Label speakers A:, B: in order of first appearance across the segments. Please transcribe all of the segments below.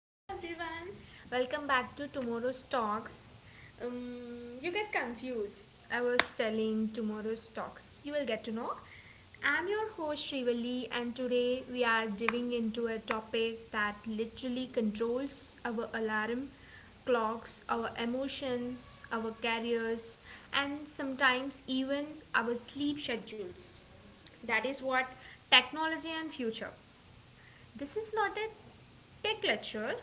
A: Hello everyone. Welcome back to tomorrow's talks. You get confused. I was telling tomorrow's talks. You will get to know. I'm your host Shrivali and today we are diving into a topic that literally controls our alarm clocks, our emotions, our careers and sometimes even our sleep schedules. That is what technology and future. This is not a tech lecture,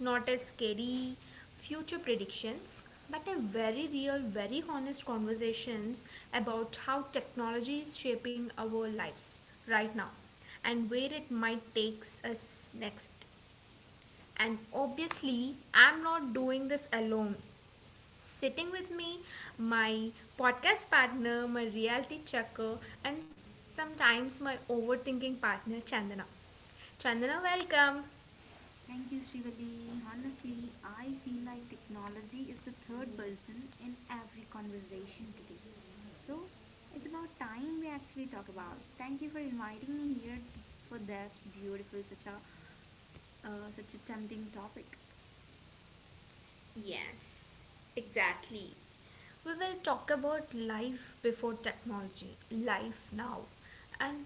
A: not a scary future predictions, but a very real, very honest conversations about how technology is shaping our lives right now and where it might takes us next. And obviously, I'm not doing this alone. Sitting with me, my podcast partner, my reality checker, and sometimes my overthinking partner, Chandana. Chandana, welcome.
B: Thank you, Srivali. Honestly, I feel like technology is the third person in every conversation today. So, it's about time we actually talk about. Thank you for inviting me here for this beautiful, such a such a tempting topic.
A: Yes, exactly. We will talk about life before technology, life now, and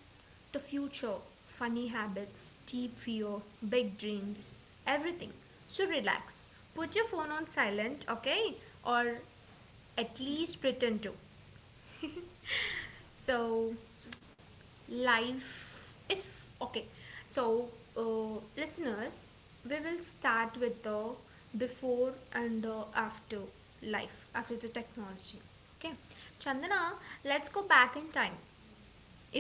A: the future, funny habits, deep fear, big dreams, everything. So relax. Put your phone on silent, okay? Or at
B: Yes,
A: least pretend to. So,
B: that's true.
A: life if okay, so listeners, we will start with the before and after, life after the technology, okay. Chandana, let's go back in time,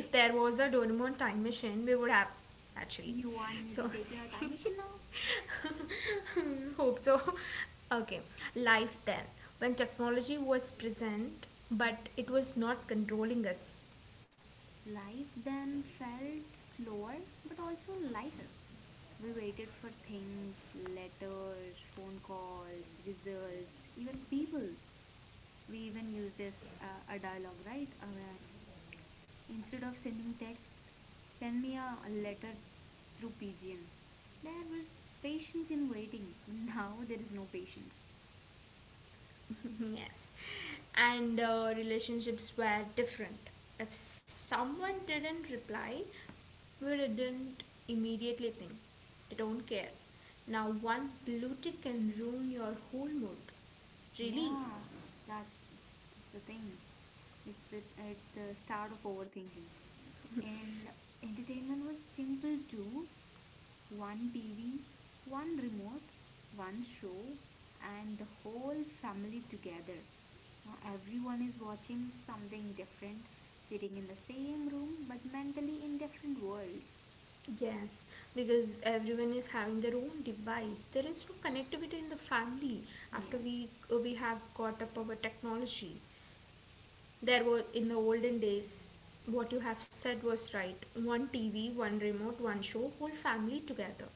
A: if there was a doraemon time machine we would have actually
B: Do you want me to
A: so
B: take a time machine now?
A: hope so. Okay, life then, when technology was present but it was not controlling us.
B: Life then felt slower but also lighter. We waited for things, letters, phone calls, results, even people. We even use this a dialogue, right? Where instead of sending texts, send me a letter through pigeon. There was patience in waiting but now there is no patience.
A: Yes, and relationships were different. If someone didn't reply, we didn't immediately think they don't care. Now, one blue tick can ruin your whole mood. Really?
B: Yeah, that's the thing. It's the start of overthinking. And entertainment was simple too: one TV, one remote, one show, and the whole family together. Now, everyone is watching something different, sitting in the same room but mentally in different worlds.
A: Yes, because everyone is having their own device. There is no connectivity in the family
B: Yeah,
A: after we have got up our technology. There was in the olden days what you have said was right. One TV, one remote, one show, whole family together.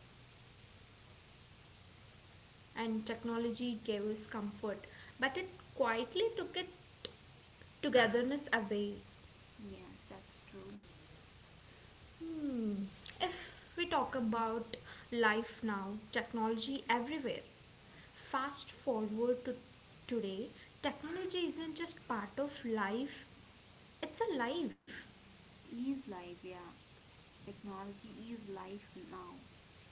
A: And technology gave us comfort, but it quietly took it togetherness away.
B: yes, that's true.
A: Hmm. If we talk about life now, technology everywhere. Fast forward to today, technology isn't just part of life, it's a life.
B: It is life, yeah. Technology is life now.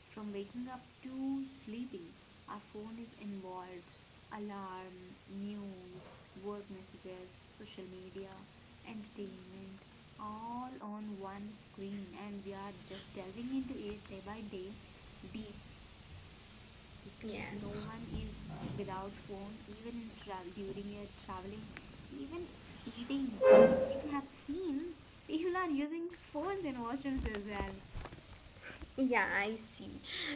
B: From waking up to sleeping, our phone is involved. Alarm, news, work messages, social media, entertainment, all on one screen, and we are just delving into it day by day, deep. No
A: Yes.
B: one is without phone, even in travel, during your traveling, even eating. If you have seen, people are using phones in washrooms as well.
A: Yeah, I see.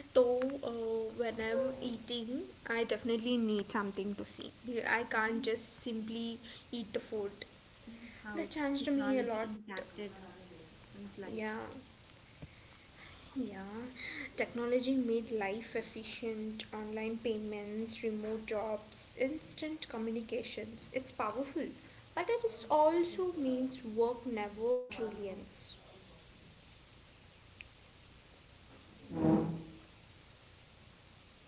A: Though when I'm eating, I definitely need something to see. I can't
B: You
A: just simply eat the food.
B: see how
A: That changed me a
B: technology
A: lot.
B: impacted one's
A: Yeah,
B: life.
A: yeah. Technology made life efficient, online payments, remote jobs, instant communications. It's powerful, but it is also means work never truly ends.
B: Yeah,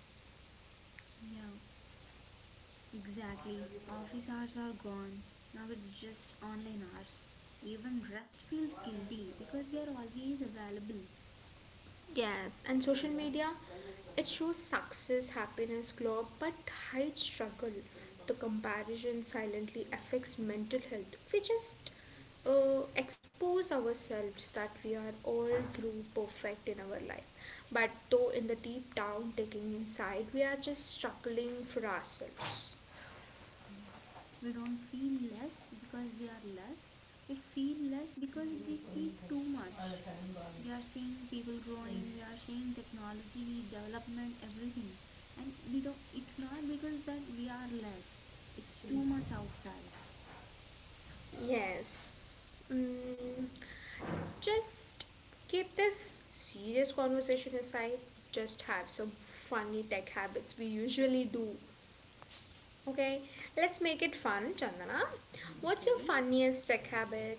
B: exactly, office hours are gone. Now it's just online hours. Even rest feels guilty because we are always available.
A: Yes, and social media, it shows success, happiness, glow, but hides struggle. The comparison silently affects mental health. We just expose ourselves that we are all through perfect in our life. But though in the deep down, taking inside, we are just struggling for ourselves.
B: Yeah, we don't feel less because we are less. We feel less because we see too much. We are seeing people growing, we are seeing technology, development, everything. And we don't, it's not because that we are less, it's too much outside.
A: Yes. Mm. Just keep this serious conversation aside, just have some funny tech habits we usually do. Okay, let's make it fun, Chandana. What's your
B: Okay.
A: funniest tech habit?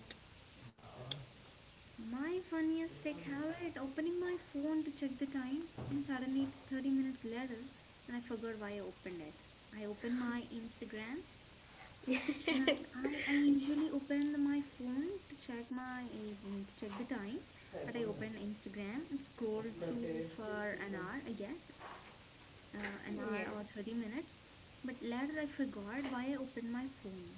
B: My funniest tech habit: opening my phone to check the time, and suddenly it's 30 minutes later, and I forgot why I opened it. I open my Instagram. When
A: Yes,
B: I usually open my phone to check my to check the time, but I open Instagram and scroll through for an hour, I guess, an hour
A: yes,
B: or 30 minutes. But later I forgot why I opened my phone.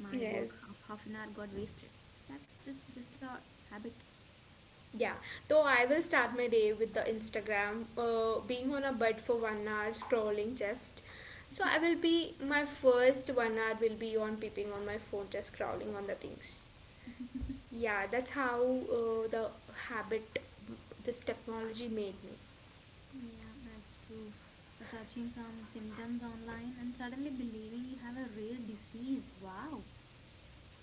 B: My
A: yes.
B: work, half an hour got wasted. That's just a habit.
A: Yeah, though I will start my day with the Instagram, being on a bed for 1 hour, scrolling just. So I will be, my first 1 hour will be on peeping on my phone, just scrolling on the things. Yeah, that's how the habit this technology made me.
B: Yeah, that's true. Or searching some symptoms online and suddenly believing you have a rare disease. Wow.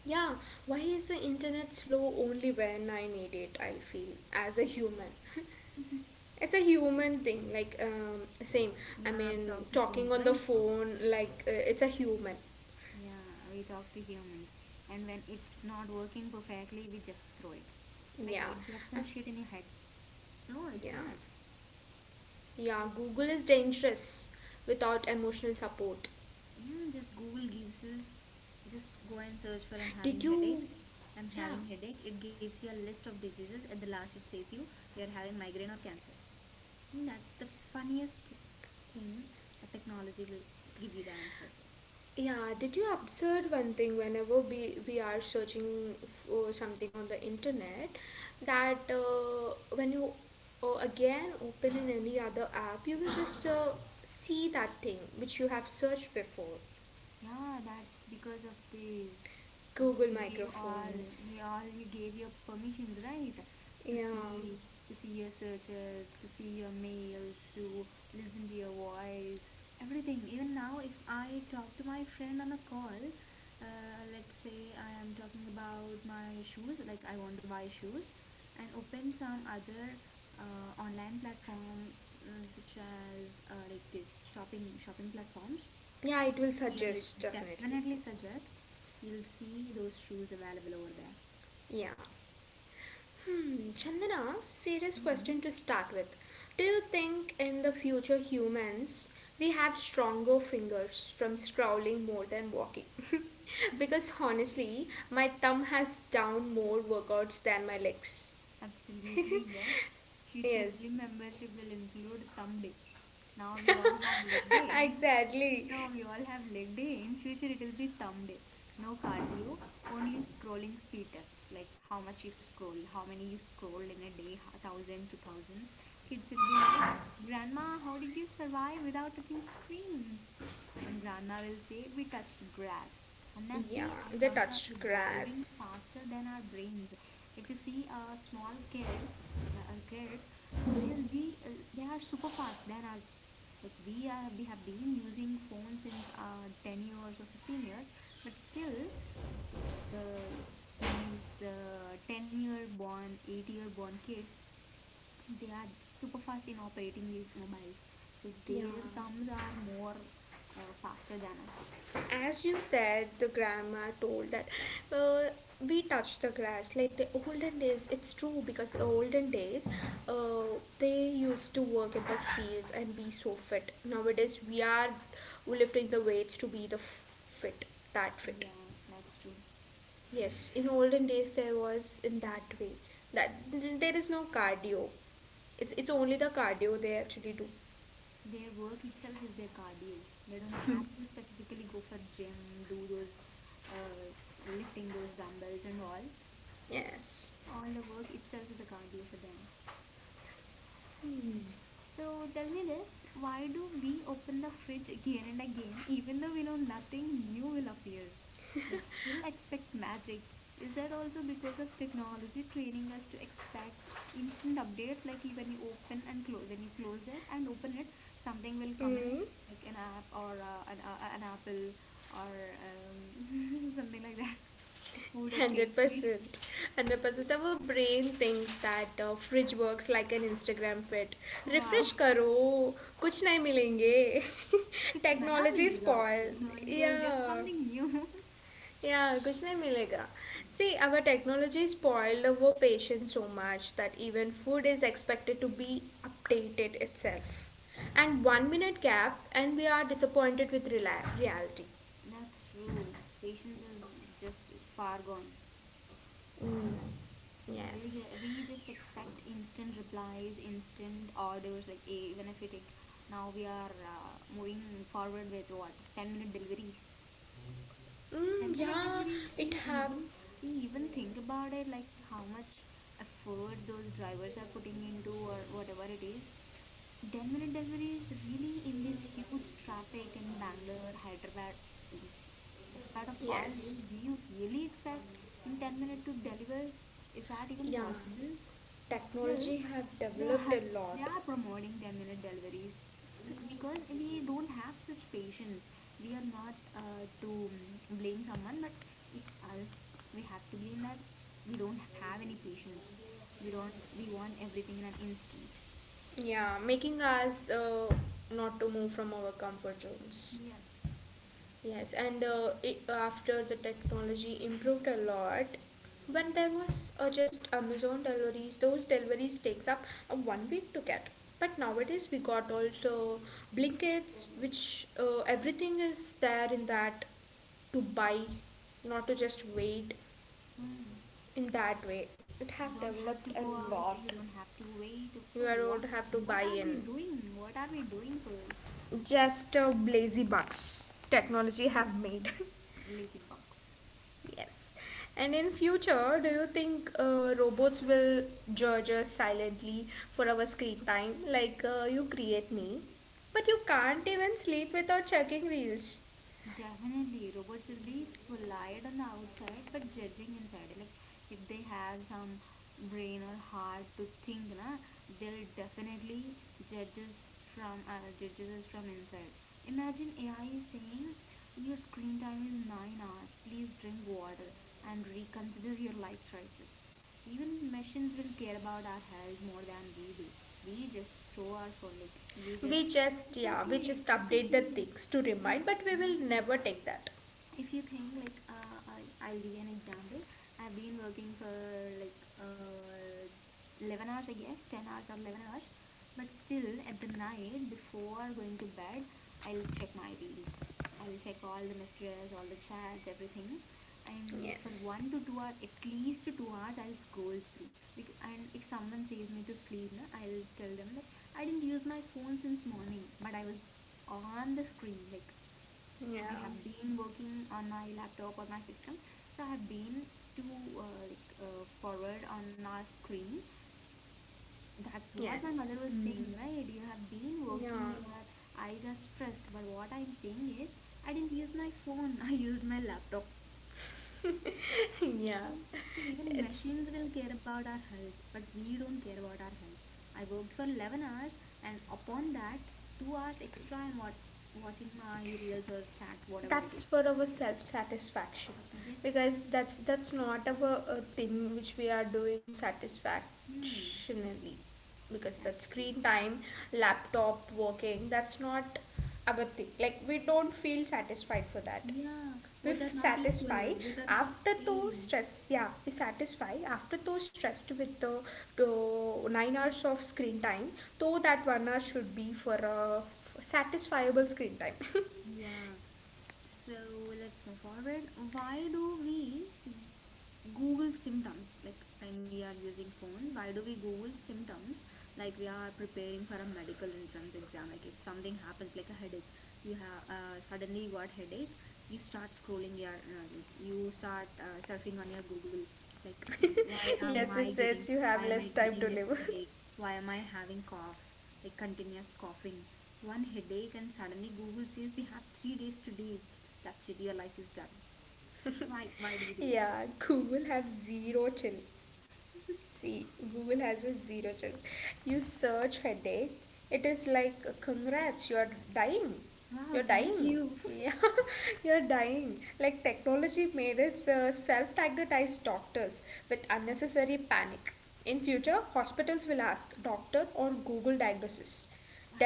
A: Yeah, why is the internet slow only when I need it? I feel as a human. It's a human thing, like same. I
B: Yeah, we
A: mean,
B: talk to
A: talking
B: phones,
A: on the
B: right?
A: phone, like it's a human.
B: Yeah, we talk to humans. And when it's not working perfectly, we just throw it. Like
A: Yeah,
B: it got some shit in your head. No,
A: yeah.
B: it's not.
A: Yeah, Google is dangerous without emotional support.
B: Yeah, just Google gives us, just go and search for I'm
A: Did
B: having headache.
A: you,
B: I'm
A: yeah,
B: having headache. It gives you a list of diseases. At the last it says you, you're having migraine or cancer. And that's the funniest thing a technology will give you the answer of this.
A: yeah, did you observe one thing whenever we are searching for something on the internet that when you again open in any other app, you will just see that thing which you have searched before.
B: Yeah, that's because of this.
A: Google
B: We gave
A: microphones.
B: all he gave your permissions, right? To
A: Yeah.
B: see, to see your searches, to see your mails, to listen to your voice, everything. Even now, if I talk to my friend on a call, let's say I am talking about my shoes, like I want to buy shoes, and open some other online platform, such as like this shopping platforms.
A: Yeah, it will
B: You'll
A: suggest definitely.
B: definitely suggest. You'll see those shoes available over there.
A: Yeah. Hmm, Chandana, serious question
B: Mhm.
A: to start with. Do you think in the future humans we have stronger fingers from scrolling more than walking? Because honestly, my thumb has done more workouts than my legs.
B: Absolutely, yes. Future
A: Yes.
B: gym membership will include thumb day. Now we all have leg day. No,
A: Exactly.
B: we all have leg day. In future, it will be thumb day. No cardio, only scrolling speed tests, like how much you scroll, how many you scrolled in a day, thousand, 2,000. Kids will be like, "Grandma, how did you survive without touching screens?" And grandma will say, "We touched grass."
A: Yeah,
B: Honestly, our
A: they
B: thumbs are
A: touched
B: evolving
A: grass.
B: faster than our brains. If you see a small kid, a kid, they are super fast than us. Like we are, we have been using phones since 10 years or 15 years, but still, the the 10-year born, 8-year born kids, they are super fast in operating these mobiles, so
A: Yeah,
B: their thumbs are more faster than us.
A: as you said the grandma told that uh, we touch the grass like the olden days, it's true because olden days uh, they used to work in the fields and be so fit. Nowadays we are lifting the weights to be the fit, that fit.
B: Yeah, that's true.
A: Yes, in olden days there was in that way that there is no cardio, it's only the cardio they actually do.
B: Their work itself is their cardio. They don't have to specifically go for gym, do those uh, lifting those dumbbells and all.
A: Yes.
B: All the work itself is a cardio for them.
A: Mm.
B: So tell me this, why do we open the fridge again and again, even though we know nothing new will appear, but still expect magic? Is that also because of technology training us to expect instant updates, like when you open and close, when you close it and open it, something will come in it, like an app or an apple or something like that, a food, a cake.
A: 100%. 100% our brain thinks that fridge works like an Instagram feed.
B: Wow.
A: Refresh karo, कुछ नहीं मिलेंगे.
B: कुछ नया
A: Technology
B: मिलेगा
A: spoil.
B: आपको, you'll get
A: Yeah.
B: something new.
A: Yeah, कुछ नहीं मिलेगा. See, our technology spoiled our patience so much that even food is expected to be updated itself. And 1 minute gap, and we are disappointed with reality.
B: That's true. Patience is just far gone.
A: Mm,
B: Yes. We'll
A: yes.
B: we just expect instant replies, instant orders. Like even if we take, now we are moving forward with what, 10 minute deliveries. Ten
A: Mm,
B: minute
A: yeah,
B: deliveries. Do
A: it
B: you
A: have.
B: even, do you even think about it? Like how much effort those drivers are putting into, or whatever it is. 10-minute delivery is really in this huge traffic in Bangalore, Hyderabad. In despite of all this,
A: Yes.
B: do you really expect in 10 minutes to deliver? Is that even
A: Yeah,
B: possible? But still,
A: technology have
B: they
A: developed
B: are
A: a
B: they
A: lot.
B: are promoting 10-minute deliveries. So because we don't have such patience, we are not to blame someone, but it's us. We have to blame that we don't have any patience. We don't. We want everything in an instant.
A: Yeah, making us not to move from our comfort zones.
B: Yes.
A: Yes, and after the technology improved a lot, when there was just Amazon deliveries, those deliveries takes up 1 week to get. But nowadays we got also Blinkits, which everything is there in that to buy, not to just wait.
B: Hmm.
A: In that way, it
B: You
A: have
B: don't have
A: developed
B: to
A: a
B: go out.
A: lot.
B: You don't have to wait.
A: You
B: What
A: don't have to
B: What
A: buy
B: are
A: in.
B: we doing? What are we doing first?
A: Just a lazy bucks
B: Hmm,
A: technology have made.
B: lazy bugs.
A: Yes. And in future, do you think robots will judge us silently for our screen time? Like you create me, but you can't even sleep without checking reels.
B: Definitely, robots will be polite on the outside but judging inside. Like if they have some brain or heart to think, na, they'll definitely judge us from, judges us from inside. Imagine AI saying, "Your screen time is 9 hours. Please drink water and reconsider your life choices." Even machines will care about our health more than we do. We just throw our phone like we
A: We
B: just.
A: just
B: It's
A: yeah, we
B: okay.
A: just
B: It's
A: update the
B: okay.
A: things to
B: Yeah,
A: remind, but we will never take that.
B: if you think like I'll give you an example. I've been working for like 11 hours, I guess, 10 hours or 11 hours, but still at the night before going to bed, I'll check my reels, I'll check all the messages, all the chats, everything. And for
A: Yes.
B: 1 to 2 hours, at least 2 hours, I'll scroll through. And if someone says me to sleep, na, I'll tell them that I didn't use my phone since morning, but I was on the screen, like I
A: Yeah.
B: have been working on my laptop or my system. So I have been too forward on my screen. That's what my
A: Yes.
B: mother was
A: Mm.
B: saying, right? You have been
A: Yeah.
B: working, your eyes are stressed. But what I'm saying is, I didn't use my phone, I used my laptop.
A: Yeah.
B: So even
A: It's
B: machines will care about our health, but we don't care about our health. I worked for 11 hours, and upon that, 2 hours extra, I'm watching my reels or chats, whatever it
A: that's
B: is.
A: for our self satisfaction
B: Yes.
A: because that's not our a thing which we are doing satisfactionally,
B: Hmm.
A: because that
B: That's true.
A: screen time laptop working that's not our thing, like we don't feel satisfied for that.
B: Yeah, both are not equal,
A: Satisfy
B: both are not
A: after those
B: same.
A: stress, yeah, we satisfy after those stressed with the 9 hours of screen time, though that 1 hour should be for a satisfiable screen time.
B: Yeah. So let's move forward. Why do we Google symptoms? Like when we are using phones, why do we Google symptoms? Like we are preparing for a medical entrance exam. Like if something happens, like a headache, you have suddenly you got headache, you start scrolling your, like you start surfing on your Google, like
A: Yes, it says you
B: why
A: have
B: am I
A: less
B: getting
A: time to
B: this
A: live.
B: headache, why am I having cough, like continuous coughing. One headache and suddenly Google says we have 3 days to live. That's it, your life is done. Why do we do that?
A: Yeah, Google have zero chill. See, Google has a zero chill. You search headache, it is like congrats, you are dying.
B: Wow,
A: You're
B: thank
A: dying.
B: you.
A: Yeah, you're dying. Like technology made us self-diagnosed doctors with unnecessary panic. In future, hospitals will ask doctor or Google diagnosis.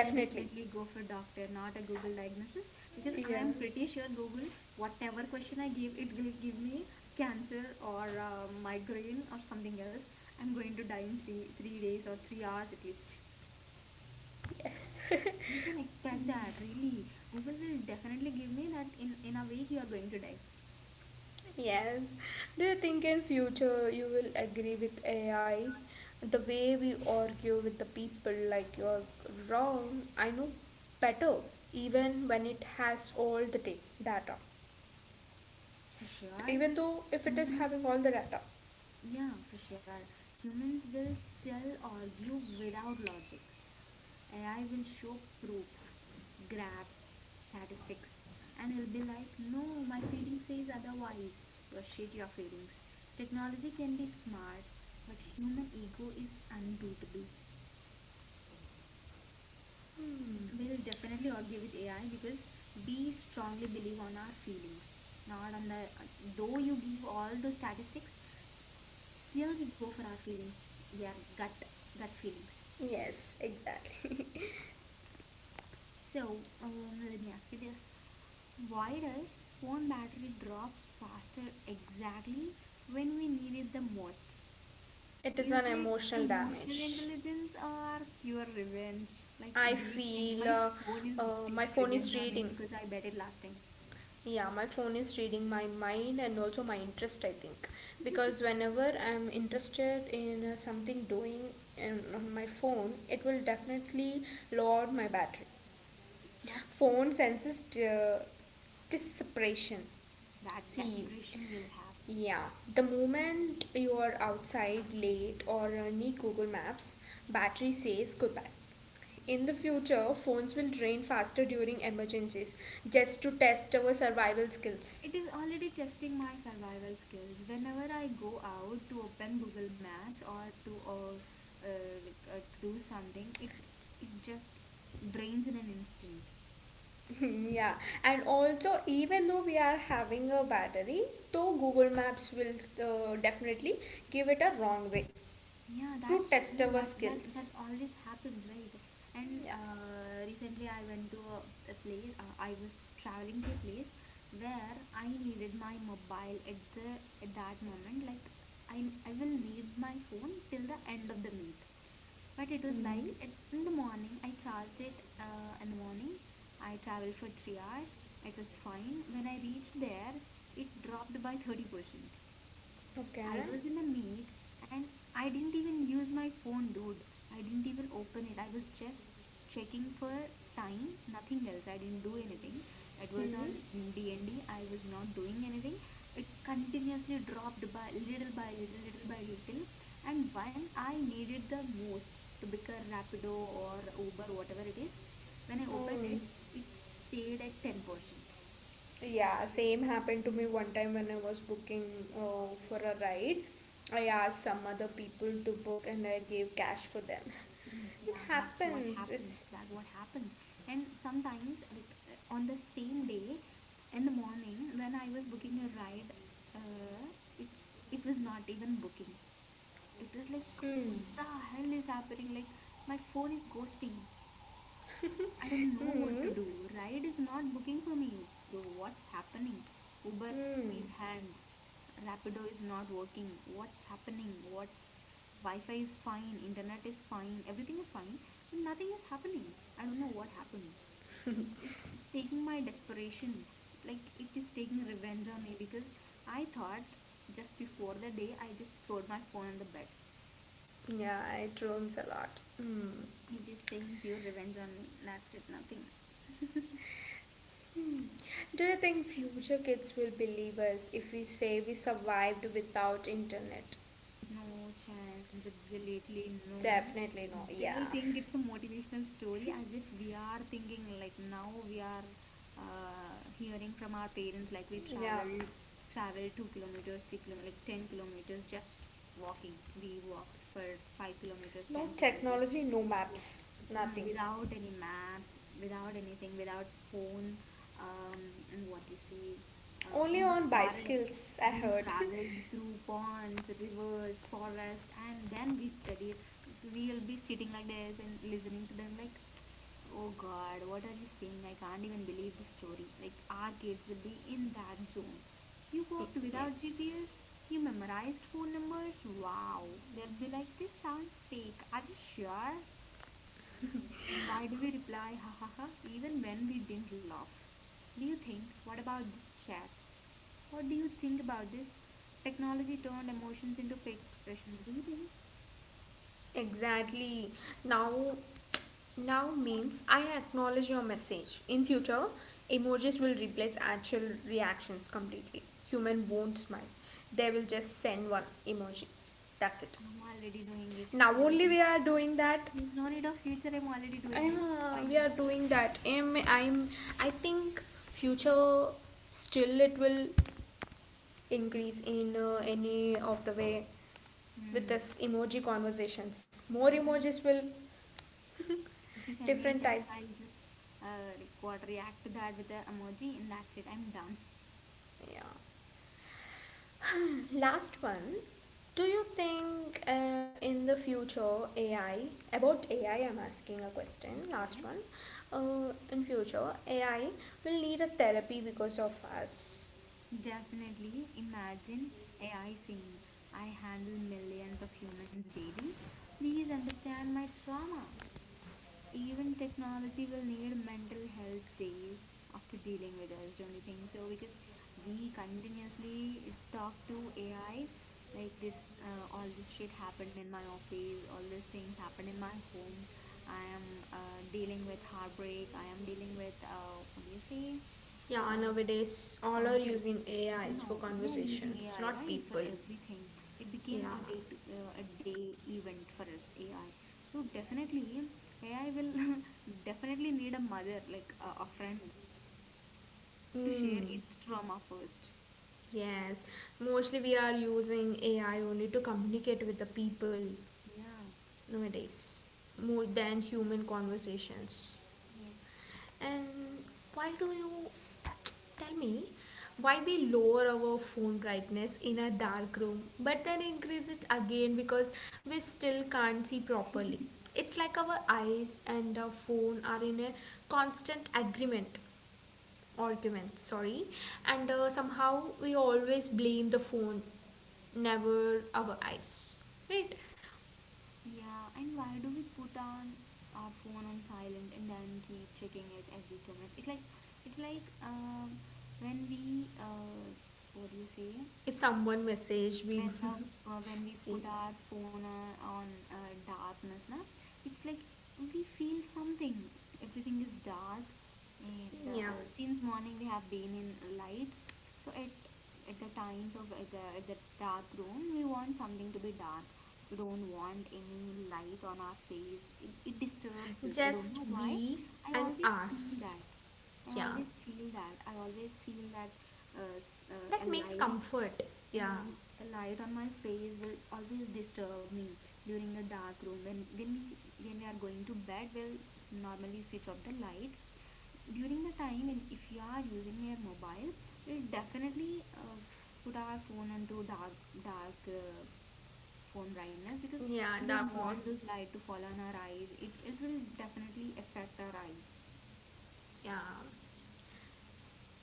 B: I'll definitely go for doctor, not a Google diagnosis, because I
A: Yeah.
B: am pretty sure Google, whatever question I give, it will give me cancer or migraine or something else. I'm going to die in three days or 3 hours at least.
A: Yes.
B: You can expect that, really. Google will definitely give me that, in a week you are going to die.
A: Yes. Do you think in future you will agree with AI? The way we argue with the people like you're wrong, I know better, even when it has all the data.
B: For sure.
A: Even though if it is having
B: Humans,
A: all the data.
B: yeah, for sure. Humans will still argue without logic. AI will show proof, graphs, statistics, and it'll be like, no, my feeling says otherwise. Well, shit your feelings. Technology can be smart, but human ego is unbeatable.
A: Hmm.
B: We'll definitely argue with AI because we strongly believe on our feelings, not on the. Though you give all those statistics, still we go for our feelings. Yeah, gut feelings.
A: Yes, exactly.
B: So let me ask you this: why does phone battery drop faster exactly when we need it the most?
A: It is
B: Is
A: an
B: it
A: emotional
B: emotional
A: damage.
B: intelligence or pure revenge? Like,
A: I
B: do you think
A: feel
B: my phone is
A: my
B: taking
A: phone
B: revenge
A: is
B: on me
A: reading.
B: because I bet it last time?
A: Yeah, my phone is reading my mind and also my interest, I think. Because whenever I'm interested in something doing in, on my phone, it will definitely load my battery.
B: That's true.
A: Phone senses the separation.
B: That
A: See,
B: desperation you'll have.
A: yeah, the moment you are outside late or need Google Maps, battery says goodbye. In the future, phones will drain faster during emergencies just to test our survival skills.
B: It is already testing my survival skills. Whenever I go out to open Google Maps or to to do something, it just drains in an instant.
A: Yeah, and also, even though we are having a battery, though Google Maps will definitely give it a wrong way
B: Yeah,
A: to
B: that's true.
A: test our
B: That
A: skills.
B: always happens, right? And
A: Yeah.
B: recently, I went to a place. I was traveling to a place where I needed my mobile at the at that moment. Like I will need my phone till the end of the meet. But it was
A: Mm-hmm.
B: like in the morning. I charged it in the morning. I traveled for 3 hours. It was fine. When I reached there, it dropped by 30%. I
A: Okay.
B: was in a make and I didn't even use my phone, dude. I didn't even open it. I was just checking for time, nothing else. I didn't do anything. It was
A: Mm-hmm.
B: on D&D. I was not doing anything. It continuously dropped by little, little by little. And when I needed the most to become Rapido or Uber, whatever it is, when I opened
A: Mm.
B: it, it stayed at 10%.
A: Yeah, same happened to me one time when I was booking for a ride. I asked some other people to book and I gave cash for them.
B: Mm,
A: It
B: yeah, that's what
A: happens. It's.
B: happens. That what happens. And sometimes, like on the same day, in the morning, when I was booking a ride, uh, it it was not even booking. It was like,
A: Mm.
B: what the hell is happening? Like my phone is ghosting. I don't know what
A: Mm.
B: to do. Ride is not booking for me, bro. What's happening? Uber,
A: Mm.
B: give hand. Rapido is not working. What's happening? What? Wi-Fi is fine. Internet is fine. Everything is fine, but nothing is happening. I don't know what happened. It's taking my desperation. Like it is taking revenge on me because I thought just before the day I just threw my phone on the bed.
A: Yeah, it roams a lot. Mm.
B: It is taking pure revenge on me. That's it. Nothing.
A: Hmm. Do you think future kids will believe us if we say we survived without internet?
B: No chance, absolutely no.
A: Definitely no. Yeah.
B: They'll think it's a motivational story, as if we are thinking like now we are hearing from our parents like we
A: Yeah.
B: traveled 2 kilometers, 3 kilometers, like 10 kilometers just walking. We walked for 5 kilometers,
A: No
B: 10 kilometers.
A: technology, no
B: So,
A: maps, nothing.
B: without any maps, without anything, without phone, um, and what you see
A: Only
B: in the
A: on
B: forest.
A: bicycles, I
B: We
A: heard.
B: traveled through ponds, rivers, forests, and then we studied. We'll be sitting like this and listening to them, like, oh god, what are you saying? I can't even believe this story. Like, our kids will be in that zone. You
A: Y-
B: walked without
A: yes.
B: GPS? You memorized phone numbers? Wow. They'll be like, this sounds fake. Are you sure? And why do we reply, ha ha ha, even when we didn't laugh? Do you think, what about this chat? What do you think about this? Technology turned emotions into fake expressions. Do you think
A: Exactly. Now now means I acknowledge your message. In future, emojis will replace actual reactions completely. Human won't smile. They will just send one emoji. That's it.
B: I'm already doing it?
A: Now
B: There is
A: only
B: no
A: we are
B: need of
A: doing that.
B: there is no need of future. I'm already doing it. It's
A: Yeah, we
B: fine.
A: are doing that. I'm I think future still it will increase in any of the way with
B: Hmm.
A: this emoji conversations, more
B: Yeah.
A: emojis will
B: If you send me a
A: different
B: text,
A: type.
B: I'll just like what, react to that with the emoji, and that's it. I'm done.
A: Yeah. Last one, do you think in the future ai, about ai I'm asking a question,
B: Okay.
A: last one, in future ai will need a therapy because of us.
B: Definitely. Imagine AI saying, "I handle millions of humans daily. Please understand my trauma." Even technology will need mental health days after dealing with us, don't you think so? Because we continuously talk to AI like this. All this shit happened in my office, all these things happened in my home. I am dealing with heartbreak, I am dealing with what do you say,
A: Yeah,
B: uh,
A: nowadays all
B: from
A: are
B: therapy
A: using
B: sessions and
A: AIs for
B: all. We are using
A: conversations,
B: AI,
A: not
B: right, for
A: people.
B: everything. It
A: Yeah.
B: became a day to, a day event for us, AI. So definitely, AI will definitely need a mother, like a friend, to share
A: Mm.
B: its trauma first.
A: Yes. Mostly we are using AI only to communicate with the people
B: Yeah,
A: nowadays, more than human conversations. And why do you, tell me why we lower our phone brightness in a dark room but then increase it again because we still can't see properly. It's like our eyes and our phone are in a constant agreement argument, sorry, and somehow we always blame the phone, never our eyes. Right?
B: yeah. And why do we put on our phone on silent and then keep checking it every 2 minutes? It like it's like when we what do you say?
A: If someone message
B: When
A: we
B: the when we
A: see.
B: put our phone on, darkness na, it's like we feel something, everything is dark, and
A: Yeah.
B: since morning we have been in light. So at the times of at at the dark room, we want something to be dark. We don't want any light on our face. It disturbs us, I don't
A: Just
B: know why.
A: we
B: i
A: and
B: always feel
A: us.
B: that
A: Yeah.
B: I always feel that a
A: That makes
B: light,
A: comfort. Yeah.
B: yeah, a light on my face will always disturb me during the dark room. When we are going to bed, we'll normally switch off the light. During the time, and if you are using your mobile, we'll definitely put our phone onto dark phone brightness, because
A: Yeah,
B: we don't
A: dark mode.
B: want those light to fall on our eyes. It will definitely affect our eyes.
A: Yeah.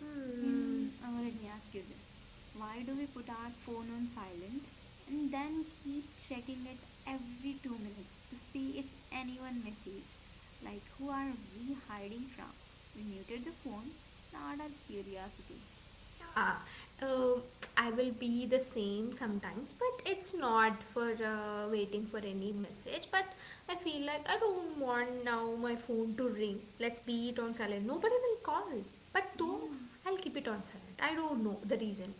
A: Hmm.
B: And let me ask you this, why do we put our phone on silent and then keep checking it every 2 minutes to see if anyone messaged? Like, who are we hiding from? We muted the phone, not our curiosity.
A: Yeah. Uh, I will be the same sometimes, but it's not for waiting for any message. But I feel like I don't want now my phone to ring. Let's be it on silent. Nobody will call. But
B: Yeah,
A: though I'll keep it on silent. I don't know the reason.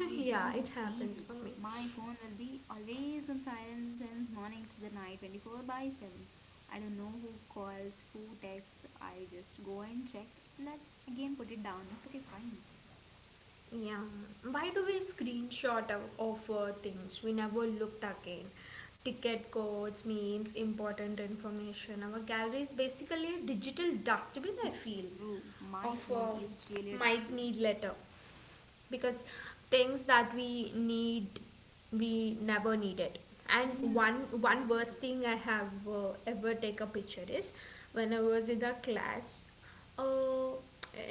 A: Yeah,
B: do the
A: it happens
B: same.
A: for me.
B: My phone will be always on silent since morning to the night, 24 by 7. I don't know who calls, who texts. I just go and check and then again put it down. It's okay, fine.
A: Yeah. Why do we screenshot things we never looked again? Ticket codes, memes, important information. Our gallery is basically a digital dustbin, I
B: It's
A: feel,
B: true. My
A: of
B: phone is really a
A: might
B: dustbin.
A: need letter because things that we need we never needed and
B: Yeah,
A: one one worst
B: exactly.
A: thing I have ever take a picture is when I was in the class, uh,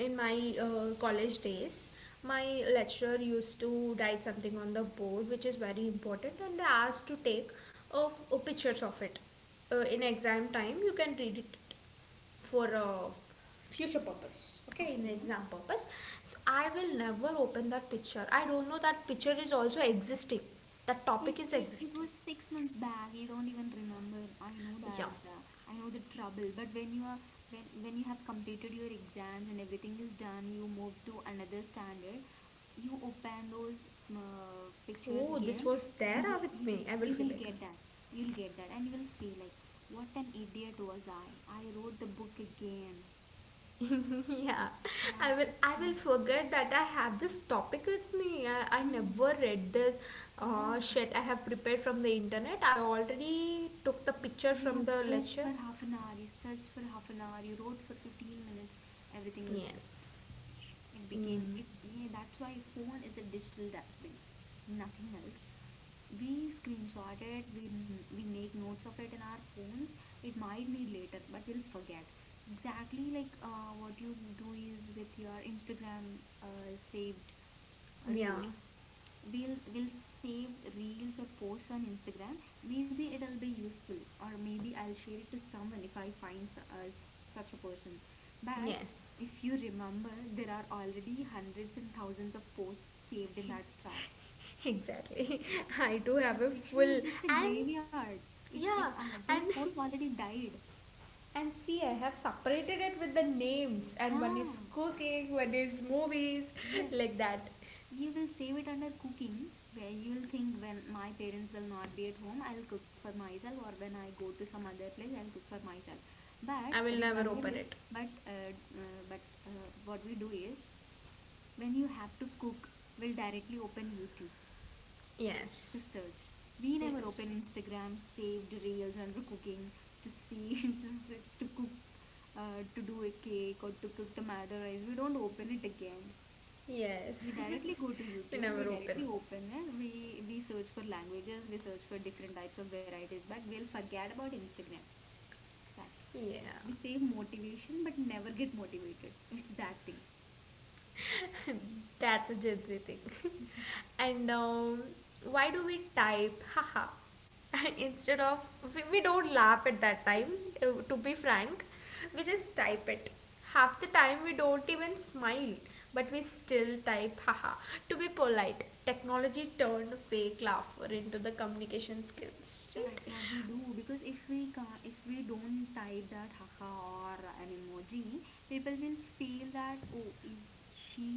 A: in my college days. My lecturer used to write something on the board which is very important and they asked to take of pictures of it, in exam time you can read it for a future purpose, okay, in the
B: Okay.
A: exam purpose. So I will never open that picture. I don't know that picture is also existing, that
B: It,
A: topic is
B: it, it
A: existing.
B: was 6 months back. You don't even remember. I know
A: Yeah.
B: that. I know the trouble. But when you are when you have completed your exams and everything is done, you move to another standard. You open those pictures
A: Oh, this
B: again.
A: was there,
B: You
A: ah,
B: will
A: with
B: you
A: me.
B: will
A: I will
B: you
A: feel
B: will
A: like,
B: get that. You'll get that, and you will feel like what an idiot was I. I wrote the book again.
A: yeah, i
B: That
A: will i will
B: thing happened.
A: forget that I have this topic with me. I
B: Mm.
A: never read this,
B: Yeah,
A: shit. I have prepared from the internet. I already took the picture
B: you
A: from
B: have
A: the
B: searched
A: lecture.
B: for half an hour, you searched for half an hour, you wrote for 15 minutes, everything was just
A: Yes.
B: it became it,
A: Mm.
B: yeah, that's why phone is a digital dustbin, nothing else. We screenshot it, we make notes of it in our phones. It might need later, but we'll forget. Exactly like what you do is with your Instagram saved
A: Yeah.
B: reels. We'll will save reels or posts on Instagram, maybe it'll be useful, or maybe I'll share it to someone if I find such a person. But
A: Yes.
B: if you remember, there are already hundreds and thousands of posts saved in that chart.
A: Exactly. I do
B: That
A: have a
B: section
A: full.
B: is just a
A: And
B: graveyard. It
A: yeah.
B: Those
A: And
B: posts already died.
A: and see, I have separated it with the names and one
B: Ah,
A: is cooking, one is movies,
B: yes.
A: like that.
B: You will save it under cooking, where you will think, when my parents will not be at home, I'll cook for myself, or when I go to some other place, I'll cook for myself.
A: I
B: But
A: will never
B: remember
A: open
B: this.
A: it.
B: But uh, but what we do is, when you have to cook, we'll directly open YouTube to
A: Yes.
B: search. We never open
A: Yes.
B: Instagram saved reels under cooking to see to cook, to do a cake or to cook tomato rice. We don't open it again,
A: Yes.
B: we directly go to
A: We
B: YouTube, we
A: never open.
B: directly open it, we search for languages, we search for different types of varieties, but we'll forget about Instagram. That's
A: Yeah.
B: we save motivation but never get motivated, it's that thing.
A: That's a jadvi thing. And why do we type haha instead of we don't laugh at that time. To be frank, we just type it. Half the time we don't even smile, but we still type haha to be polite. Technology turned fake laughter into the communication skills,
B: That's
A: right?
B: what we do, because if we don't type that haha or an emoji, people will feel that, oh, is she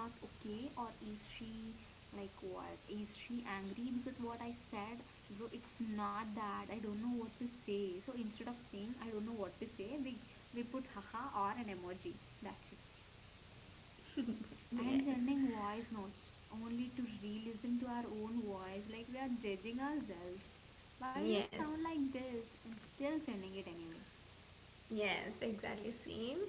B: not okay, or is she like, what, is she angry because what I said? Bro, it's not that I don't know what to say. So instead of saying I don't know what to say, we put haha or an emoji, that's it. And
A: Yes.
B: sending voice notes only to re-listen to our own voice, like we are judging ourselves, why do I sound
A: Yes.
B: like this, and still sending it anyway.
A: Yes, exactly same.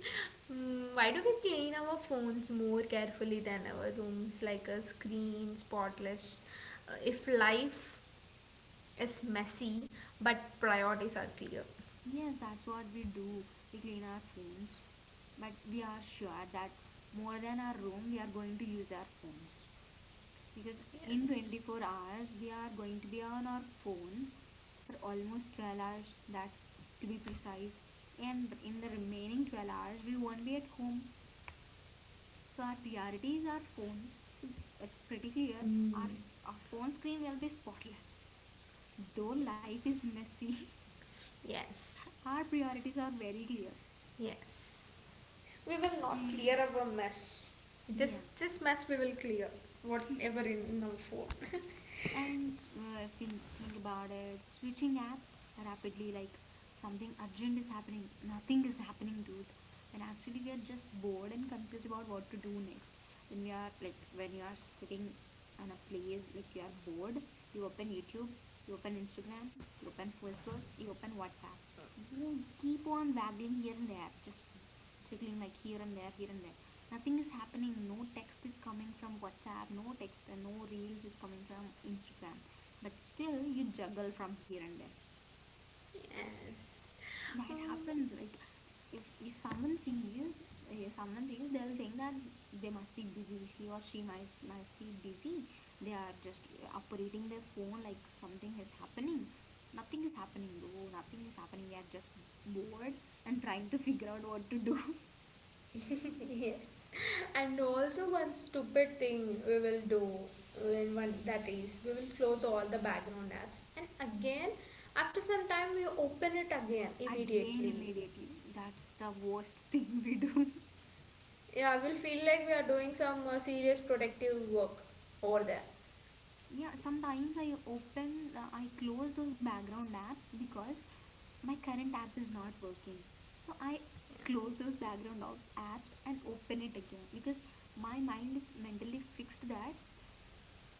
A: Mm, why do we clean our phones more carefully than our rooms, like a screen spotless, if life is messy, but priorities are clear.
B: Yes, that's what we do, we clean our phones, but we are sure that more than our room we are going to use our phones, because in
A: Yes.
B: 24 hours we are going to be on our phone for almost 12 hours, that's to be precise, and in the remaining 12 hours we won't be at home. So our priorities are phone. So it's pretty clear. Our
A: Mm.
B: our phone screen will be spotless. Though life is
A: Yes.
B: messy,
A: Yes.
B: our priorities are very clear.
A: Yes. We will not clear
B: And
A: our mess.
B: yeah.
A: This mess we will clear whatever in our phone.
B: And if we think about it, switching apps rapidly, like something urgent is happening, nothing is happening, dude. And actually, we are just bored and confused about what to do next. When we are like, when you are sitting in a place, like you are bored, you open YouTube, you open Instagram, you open Facebook, you open WhatsApp. You keep on waggling here and there, just jiggling like here and there, here and there. Nothing is happening, no text is coming from WhatsApp, no text and no reels is coming from Instagram, but still you juggle from here and there.
A: Yes.
B: That
A: Mm.
B: happens like if someone sees they'll think they must be busy, he or she might must be busy. They are just operating their phone like something is happening. Nothing is happening, though nothing is happening, we are just bored and trying to figure out what to do.
A: Yes. And also one stupid thing we will do when one that is, we will close all the background apps and again after some time we open it again
B: Again
A: immediately.
B: immediately, that's the worst thing we do.
A: Yeah, we'll feel like we are doing some serious productive work over there.
B: Yeah, sometimes I open, I close those background apps because my current app is not working. So I close those apps and open it again because my mind is mentally fixed that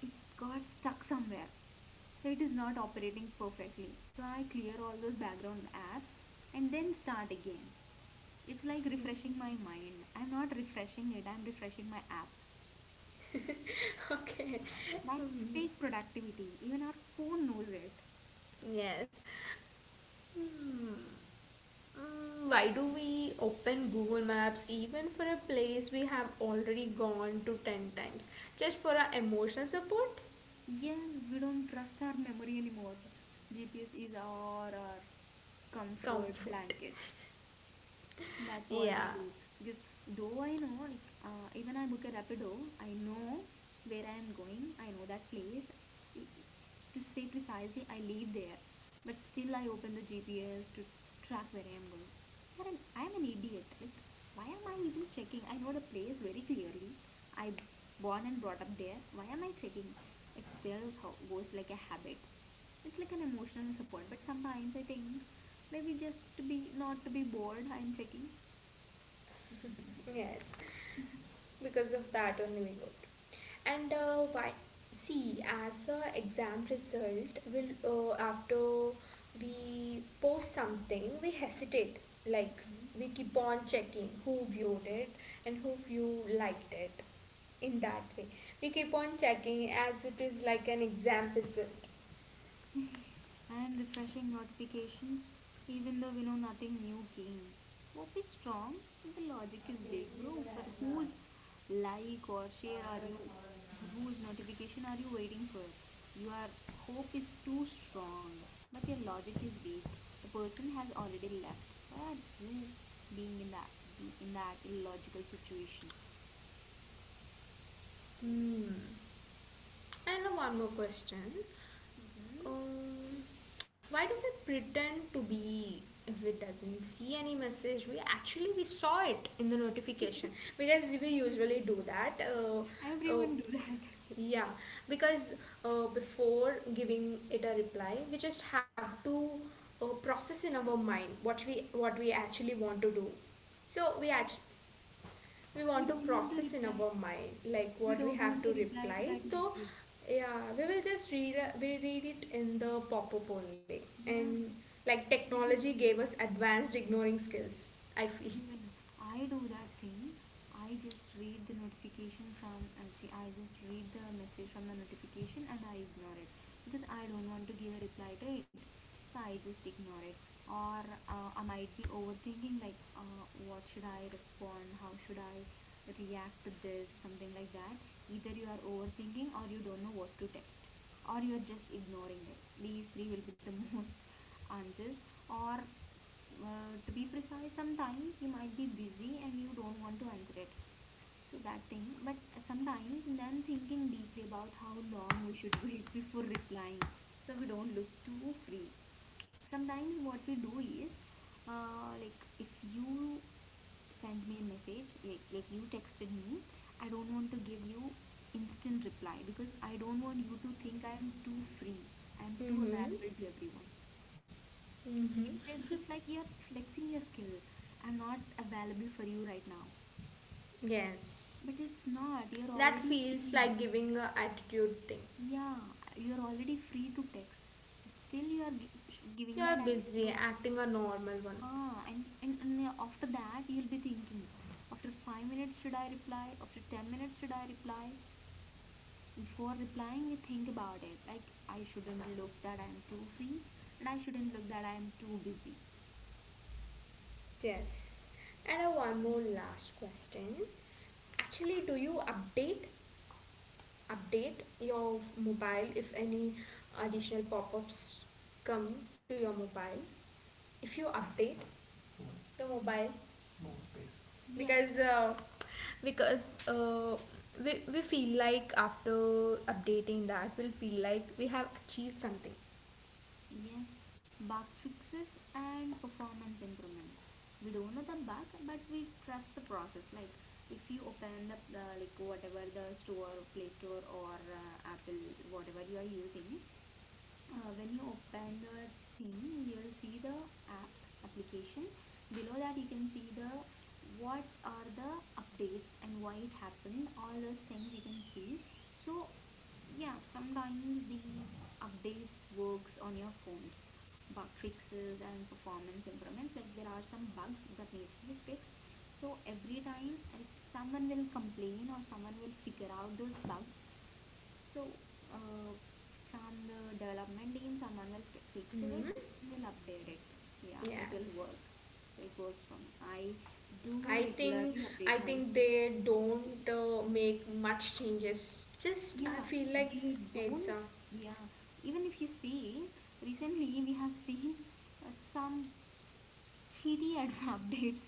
B: it got stuck somewhere. So it is not operating perfectly. So I clear all those background apps and then start again. It's like refreshing my mind. I'm not refreshing it, I'm refreshing my app.
A: Okay.
B: That's fake productivity. Even our phone knows it.
A: Yes. Hmm. Mm, why do we open Google Maps even for a place we have already gone to 10 times? Just for our emotional support?
B: Yes, we don't trust our memory anymore. GPS is our comfort
A: Comfort.
B: blanket. That's what we
A: Yeah.
B: do. Because though I know, like, even I book a Rapido, I know where I am going. I know that place. I- To say precisely, I live there. But still, I open the GPS to track where I am going. I am an idiot. Like, why am I even checking? I know the place very clearly. I born and brought up there. Why am I checking? It still goes like a habit. It's like an emotional support. But sometimes I think maybe just to be not to be bored, I'm checking
A: Yes. Because of that only we go. And why? See, as a exam result, will, after we post something, we hesitate. Like, we keep on checking who viewed it and who view liked it. In that way, we keep on checking as it is like an exam result.
B: and refreshing notifications even though we know nothing new came. Hope is strong, but the logic is vague, bro. For whose like or share are you, for whose notification are you waiting for? Your hope is too strong, but your logic is weak. The person has already left. Why are you being in that be in that illogical situation?
A: Hmm. And one more question.
B: Hmm.
A: Um, why do we pretend to be, if we doesn't see any message? We actually, we saw it in the notification because we usually do that. Uh,
B: Everyone do that.
A: yeah, because before giving it a reply, we just have to process in our mind what we actually want to do. So we actually, we
B: We
A: want to
B: don't want to
A: process in
B: reply.
A: our mind like
B: We
A: what we
B: don't
A: have
B: want
A: to
B: to reply to
A: reply.
B: that
A: So
B: message.
A: yeah, we will just read, we read it in the pop-up only.
B: Yeah,
A: And like,
B: even
A: technology gave us advanced ignoring skills, I feel.
B: even I do that thing. I just read the notification from actually I just read the message from the notification and I ignore it because I don't want to give a reply to it. So I just ignore it. Or I might be overthinking like what should I respond? How should I react to this? Something like that. Either you are overthinking or you don't know what to text or you are just ignoring it. These three will be the most answers or to be precise, sometimes you might be busy and you don't want to answer it, so that thing. But sometimes then thinking deeply about how long we should wait before replying, so we don't look too free. Sometimes what we do is, like if you send me a message, like you texted me, I don't want to give you instant reply because I don't want you to think I am too free, I am too
A: Mm-hmm.
B: available to everyone.
A: Mm-hmm.
B: It's just like you're flexing your skill. I'm not available for you right now.
A: Yes.
B: But it's not. You're
A: That
B: already
A: feels
B: free.
A: like giving a attitude thing.
B: Yeah, you're already free to text. But still, you are giving that
A: You're
B: attitude.
A: busy acting a normal one.
B: Huh? And after that, you'll be thinking after 5 minutes, should I reply? After 10 minutes, should I reply? Before replying, we think about it. Like, I shouldn't look that I'm too free, and I shouldn't look that I'm too busy.
A: Yes. And one more last question. Actually, do you update your mobile if any additional pop-ups come to your mobile? If you update the mobile, more space. Because
B: Yes.
A: because uh, we feel like after updating that we'll feel like we have achieved something.
B: Yes, bug fixes and performance improvements. We don't know the bug, but we trust the process. Like if you open the like whatever the store, Play Store or Apple, whatever you are using, when you open the thing, you'll see the app application. Below that, you can see the what are the updates and why it happened. All those things you can see. So yeah, sometimes these updates works on your phones, bug fixes and performance improvements. Like there are some bugs that needs to be fixed. So every time like someone will complain or someone will figure out those bugs. So uh, from the development team, someone will fix it
A: Mm-hmm.
B: and will update it. Yeah, it will
A: Yes.
B: work. So it works for me. I do
A: i think
B: regularly
A: i
B: update my
A: think they don't,
B: applications.
A: make much changes. Just
B: Yeah,
A: I feel like
B: they
A: it's,
B: don't. Yeah, even if you see, recently we have seen some shitty ad updates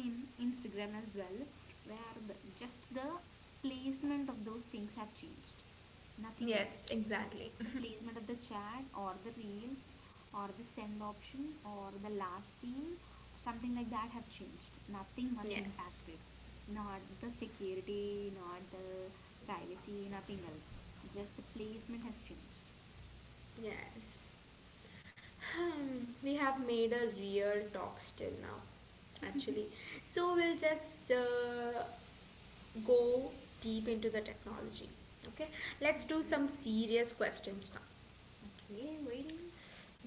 B: in Instagram as well, where just the placement of those things have changed, nothing else.
A: yes, exactly.
B: The placement of the chat or the reels or the send option or the last scene, something like that have changed, nothing much
A: Yes.
B: impacted, not the security, not the privacy, nothing else, just the placement has changed.
A: Yes. Hmm, we have made a real talk still now, actually. So we'll just go deep into the technology. Okay, let's do
B: Okay,
A: some serious questions now.
B: okay, waiting.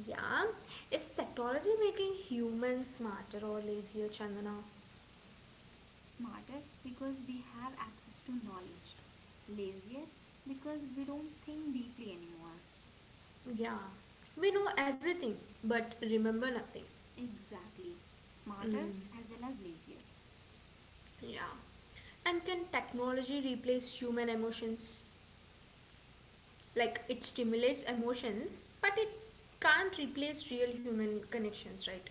A: Yeah, is technology making humans smarter or lazier, Chandana?
B: Smarter because we have access to knowledge, lazier because we don't think deeply anymore.
A: Yeah, we know everything but remember nothing.
B: Exactly, smarter
A: Mm,
B: as well as lazier.
A: yeah, and can technology replace human emotions? Like, it stimulates emotions, but it can't replace real human connections, right?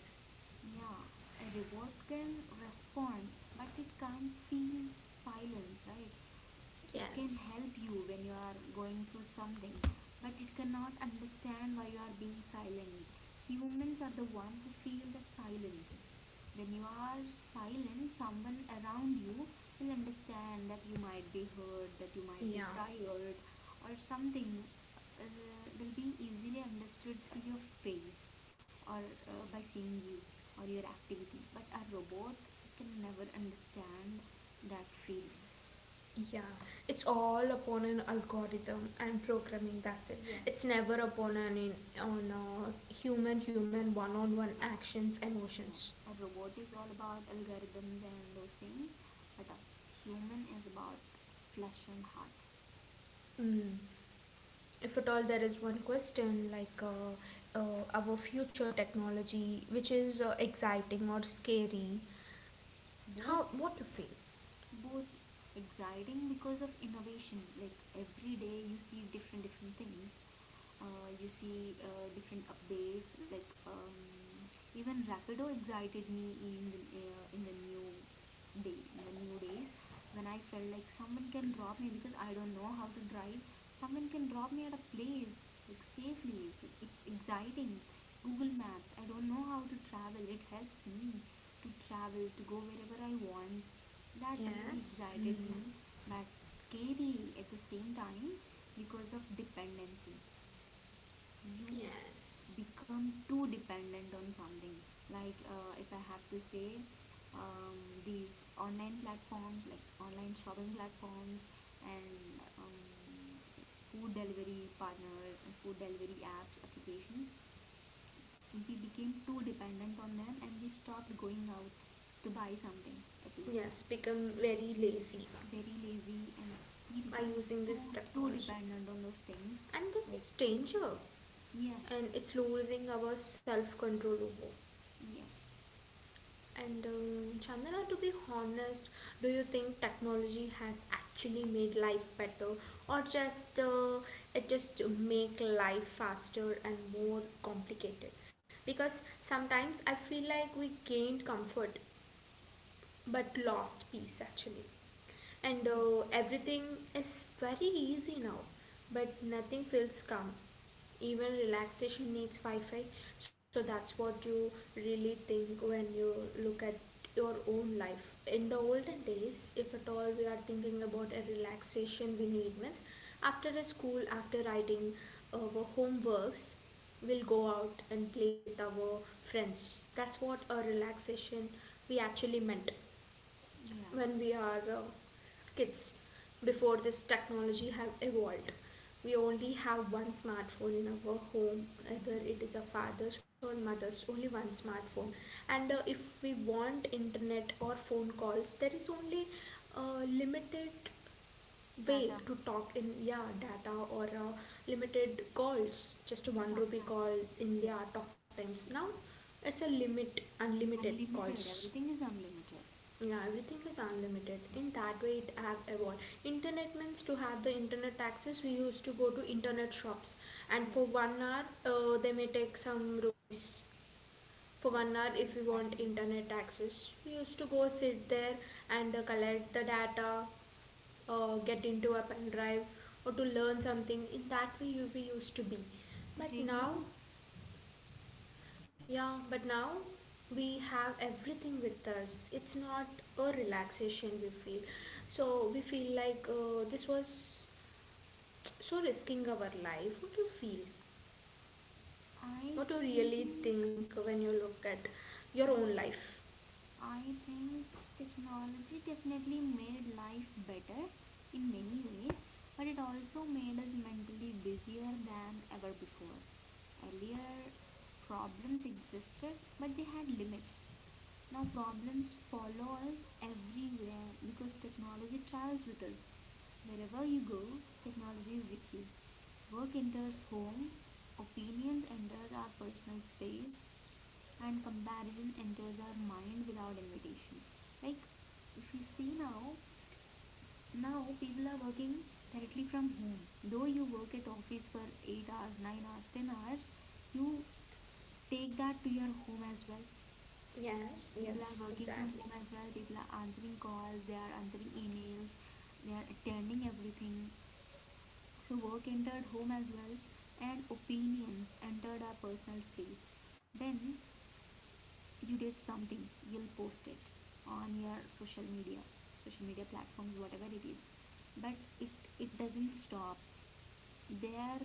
B: Yeah, a robot can respond, but it can't feel silence, right? It can
A: Yes.
B: help you when you are going through something, but it cannot understand why you are being silent. Humans are the one who feel that silence. When you are silent, someone around you will understand that you might be hurt, that you might be
A: Yeah,
B: tired, or something uh, will be easily understood through your face or by seeing you or your activity. But a robot can never understand that feeling.
A: yeah. It's all upon an algorithm and programming. That's it. It's
B: Yes.
A: never upon an in, on human human one on one actions emotions.
B: Yes, a robot is all about algorithms and those things, but a human is about flesh and heart.
A: Mm. If at all there is one question like our future technology, which is exciting or scary, how,
B: Both,
A: what do you feel?
B: both exciting because of innovation. Like every day you see different different things, you see different updates like even Rapido excited me in the in the new day in the new days when I felt like someone can drop me because I don't know how to drive, someone can drop me at a place, like safely, so it's exciting. Google Maps, I don't know how to travel, it helps me to travel, to go wherever I want. That really
A: Yes. Mm.
B: excited me. But scary at the same time because of dependency. You
A: Yes.
B: become too dependent on something. Like if I have to say, these online platforms, like online shopping platforms, and it's food delivery partner, food delivery apps applications, we became too dependent on them and we stopped going out to buy something, at least.
A: Yes, become very lazy
B: Very lazy, and we
A: by
B: became
A: using this
B: too
A: technology.
B: dependent on those things.
A: And this
B: Like,
A: is danger.
B: yes,
A: And it's losing our self control over.
B: yes.
A: And Chandana, to be honest, do you think technology has actually made life better, or just it just make life faster and more complicated? Because sometimes I feel like we gained comfort but lost peace actually. And
B: Yes.
A: everything is very easy now, but nothing feels calm. Even relaxation needs Wi Fi, so that's what you really think when you look at your own life. In the olden days, if at all we are thinking about a relaxation we need, means after a school, after writing our homeworks, we'll go out and play with our friends. That's what a relaxation we actually meant
B: Yeah,
A: when we are kids before this technology have evolved. We only have one smartphone in our home, either it is a father's or mother's, only one smartphone. And if we want internet or phone calls, there is only limited way
B: data,
A: to talk in, yeah, data or limited calls, just one
B: talk
A: rupee
B: time.
A: call in their
B: Yes,
A: talk times. Now it's a limit, unlimited calls.
B: unlimited, everything is unlimited.
A: Yeah, everything is unlimited. In that way it have evolved. Internet means, to have the internet access, we used to go to internet shops and for
B: Yes,
A: 1 hour they may take some rupees. For one
B: yes,
A: hour if we want
B: exactly.
A: internet access, we used to go sit there and collect the data, get into a pen drive, or to learn something. In that way you, we used to be.
B: To
A: But
B: play
A: now,
B: games?
A: yeah, but now we have everything with us. It's not a relaxation we feel. So we feel like this was so risking our life. What do you feel?
B: I
A: What do you really
B: think,
A: think when you look at your
B: yeah,
A: own life?
B: I think technology definitely made life better in many ways, but it also made us mentally busier than ever before. Earlier, problems existed, but they had limits. Now, problems follow us everywhere because technology travels with us. Wherever you go, technology is with you. Work enters home, opinions enters our personal space, and comparison enters our mind without invitation. Like if you see now, now people are working directly from home. Though you work at office for 8 hours, 9 hours, 10 hours, you
A: Yes,
B: take that to your home as well.
A: yes,
B: People
A: yes,
B: are working from
A: exactly.
B: home as well, people are answering calls, they are answering emails, they are attending everything, so work entered home as well. And opinions entered our personal space. When you did something, you'll post it on your social media, social media platforms, whatever it is, but it doesn't stop there.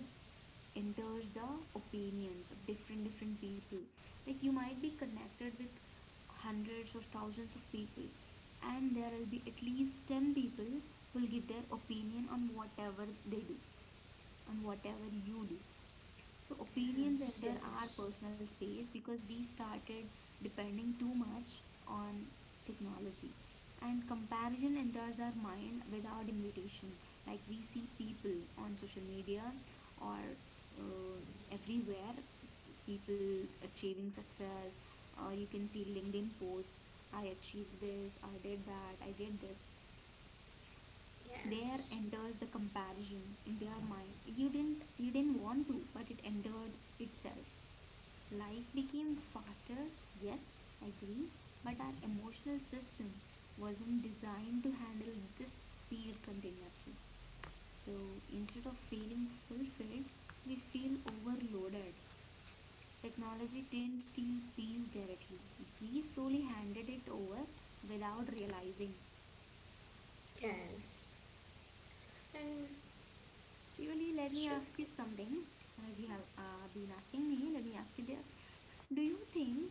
B: Enters the opinions of different different people. Like you might be connected with hundreds of thousands of people, and there will be at least 10 people who will give their opinion on whatever they do, on whatever you do. So opinions
A: Yes,
B: enter our
A: yes,
B: personal space because we started depending too much on technology. And comparison enters our mind without invitation. Like we see people on social media or uh, everywhere, people achieving success, or you can see LinkedIn posts: I achieved this, I did that, I did this. There
A: yes,
B: enters the comparison into your mind. You didn't want to, but it entered itself. Life became faster, yes, agree, but our emotional system wasn't designed to handle this speed continuously. So instead of feeling fulfilled, we feel overloaded. Technology didn't steal peace directly, we slowly handed it over without realizing.
A: yes. And
B: Really, let me
A: should
B: ask you something. As you have been asking me, let me ask you this. Do you think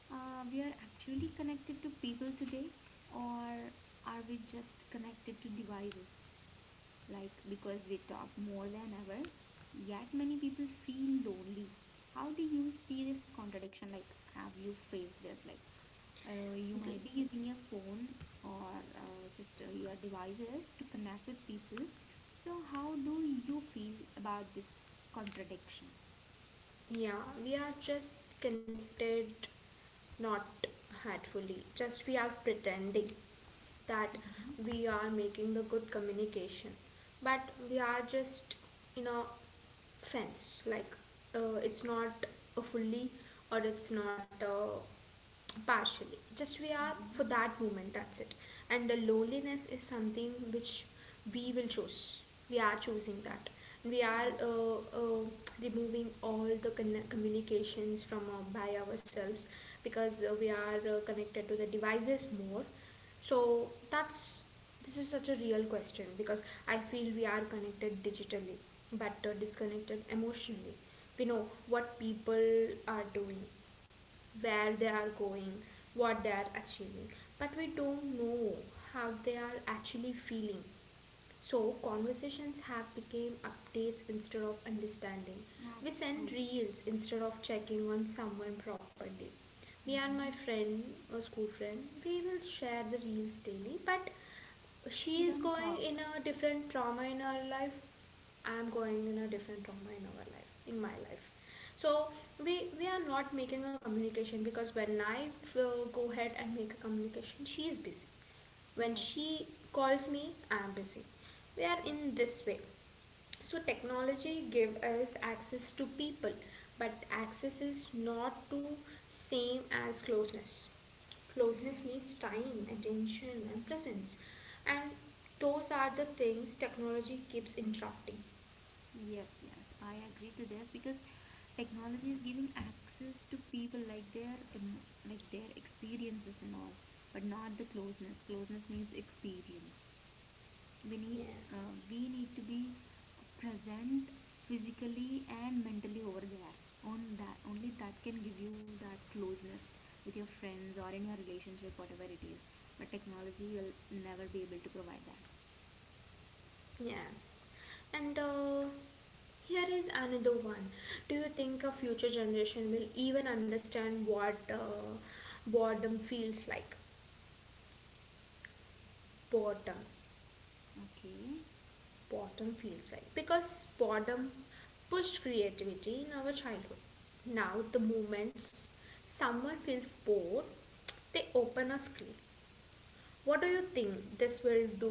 B: we are actually connected to people today, or are we just connected to devices? Like, because we talk more than ever, yet many people feel lonely. How do you see this contradiction? Like, have you faced this? Like, you
A: we?
B: might be using your phone or system, your devices to connect with people, so how do you feel about this contradiction?
A: Yeah, we are just connected, not hatefully, just we are pretending that
B: Mm-hmm.
A: we are making the good communication, but we are just in a fence, like, it's not a fully, or it's not partially, just we are for
B: Mm-hmm.
A: that moment, that's it. And the loneliness is something which we will choose. We are choosing that we are
B: Yes,
A: removing all the communications from, by ourselves, because we are connected to the devices more. So that's, this is such a real question because I feel we are connected digitally but disconnected emotionally. We know what people are doing, where they are going, what they are achieving, but we don't know how they are actually feeling. So conversations have become updates instead of understanding. We
B: that's
A: send
B: true.
A: reels instead of checking on someone properly. Me and my
B: Mm-hmm.
A: friend, a school friend, we will share the reels daily, but
B: You
A: she is
B: don't
A: going
B: talk.
A: in a different trauma in her life, I'm going in a different trauma in our life, in my life. So we are not making a communication because when I go ahead and make a communication, she is busy. When
B: Yes,
A: she calls me, I'm busy. We are
B: true.
A: in this way. So technology give us access to people, but access is not to same as closeness. Closeness
B: Yes.
A: needs time, attention, and presence, and those are the things technology keeps interrupting.
B: Yes, I agree to this because technology is giving access to people like their like their experiences and all, but not the closeness. Closeness needs experience. we
A: Yeah.
B: need uh, we need to be present physically and mentally over there. On that, only that can give you that closeness with your friends or in your relationship, whatever it is. But technology will never be able to provide that.
A: Yes. And here is another one. Do you think a future generation will even understand what boredom feels like? Boredom.
B: Okay.
A: Boredom feels like. Because boredom pushed creativity in our childhood. Now, the moments someone feels bored, they open a screen. What do you think this will do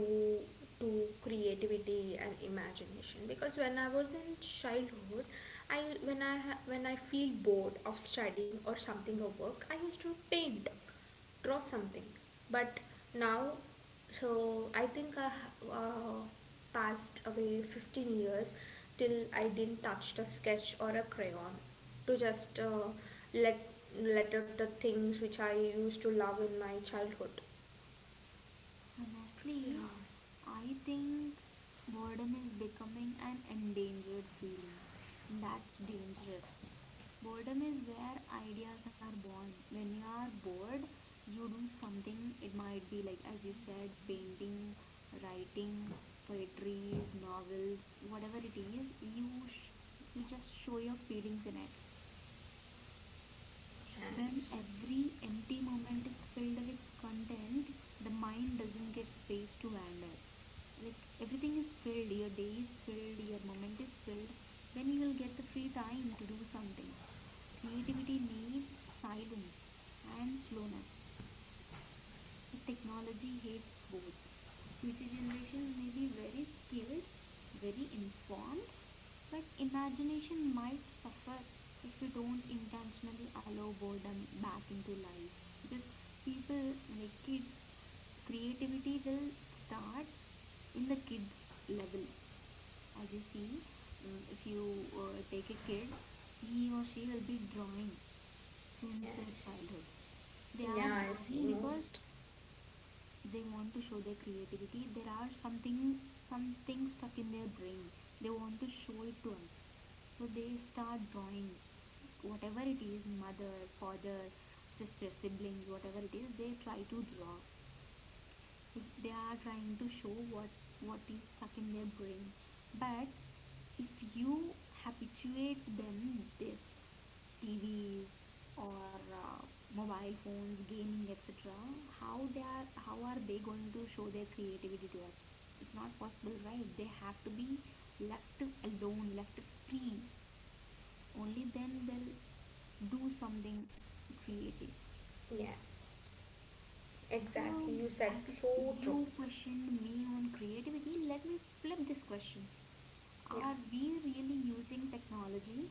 A: to creativity and imagination? Because when I was in childhood, I, when I when I feel bored of studying or something or work, I used to paint, draw something. But now, so I think passed away 15 years till I didn't touch a sketch or a crayon to just let, let out the things which I used to love in my childhood. Yeah.
B: Honestly, I think boredom is becoming an endangered feeling. That's dangerous. Boredom is where ideas are born. When you are bored, you do something. It might be like, as you said, painting, writing, poetries, novels, whatever it is. You just show your feelings in it. When
A: Yes,
B: every empty moment is filled with content, the mind doesn't get space to wander. Like everything is filled, your day is filled, your moment is filled, then you will get the free time to do something. Creativity needs silence and slowness. But technology hates both. Future generations may be very skilled, very informed, but imagination might suffer if you don't intentionally allow boredom back into life. Because people, like kids, creativity will start in the kids level. As you see, if you take a kid, he or she will be drawing since their
A: yes,
B: childhood. They are
A: yeah, I
B: drawing
A: see
B: because
A: most.
B: they want to show their creativity. There are something, something stuck in their brain. They want to show it to us, so they start drawing, whatever it is: mother, father, sister, siblings, whatever it is, they try to draw. Like they are trying to show what is stuck in their brain. But if you habituate them this tvs or mobile phones, gaming, etc, how are they going to show their creativity to us? It's not possible, right? They have to be left alone, left free. Only then they'll do something creative.
A: Yes,
B: So,
A: exactly. You said
B: as
A: so true.
B: you questioned me on creativity, let me flip this question.
A: Yeah,
B: Are we really using technology,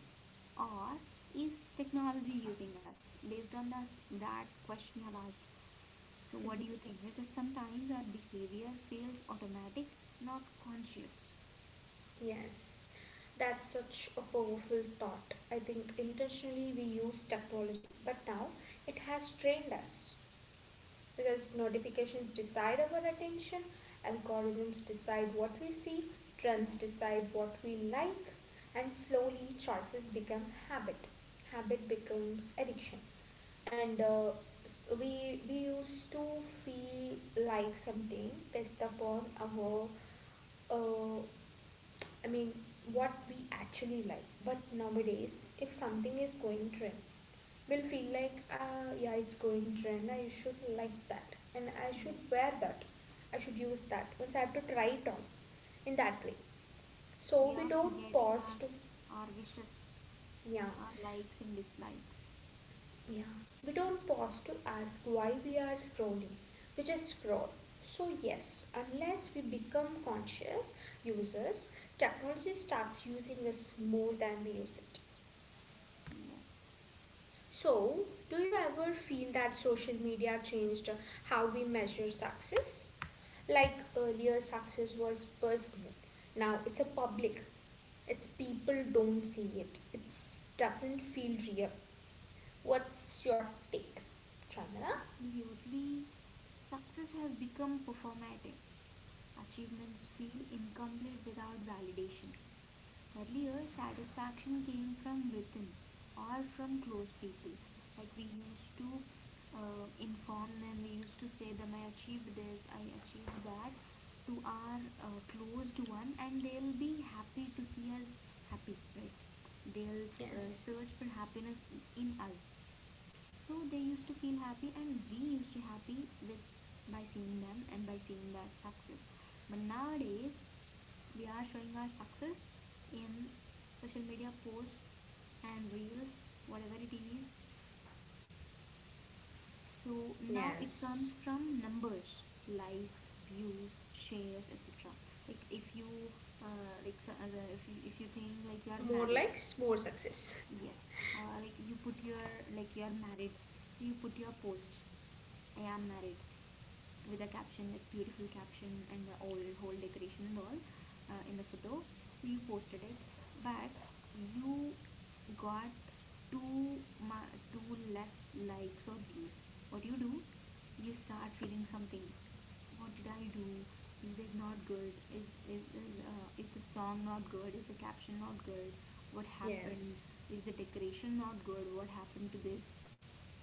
B: or is technology using us? Based on this, that question you have asked. So, what do you think? Because sometimes our behavior feels automatic, not conscious.
A: yes. That's such a powerful thought. I think intentionally we use technology, but now it has trained us. Because notifications decide our attention, algorithms decide what we see, trends
B: Yes,
A: decide what we like, and slowly choices become habit. Habit becomes addiction. And we used to feel like something based upon our, uh, I mean, what we actually like. But nowadays, if something is going trend, we'll feel like, ah, yeah, it's going trend. I should like that, and I should
B: yes.
A: wear that. I should use that. Once I have to try it on, in that way.
B: We
A: So
B: are
A: we don't
B: forgetting
A: pause to,
B: our wishes,
A: yeah,
B: our likes and dislikes.
A: yeah. We don't pause to ask why we are scrolling. We just scroll. So yes, unless we become conscious users, technology starts using us more than we use it.
B: Yes.
A: So, do you ever feel that social media changed how we measure success? Like earlier, success was personal. Now it's a public. It's people don't see it. It doesn't feel real. What's your take, Chandra?
B: Absolutely. Success has become performative. Achievements feel incomplete without validation. Earlier, satisfaction came from within or from close people. Like we used to inform them, we used to say them, I achieved this, I achieved that to our closed one, and they'll be happy to see us happy, right? They'll
A: Yes.
B: search for happiness in us, so they used to feel happy and we used to happy with by seeing them and by seeing that success. But nowadays we are showing our success in social media posts and reels, whatever it is. So now it comes
A: Yes.
B: from numbers: likes, views, shares, etc. Like if you like if you think like you are
A: More
B: married.
A: likes, more success.
B: Yes. Like you put your like you are married, so you put your post, I am married, with a caption, like beautiful caption, and the old whole decoration and all in the photo. So you posted it, but you got two less likes or views. What you do? You start feeling something. What did I do? Is it not good? Is is the song not good? Is the caption not good? What
A: Yes.
B: happened? Is the decoration not good? What happened to this?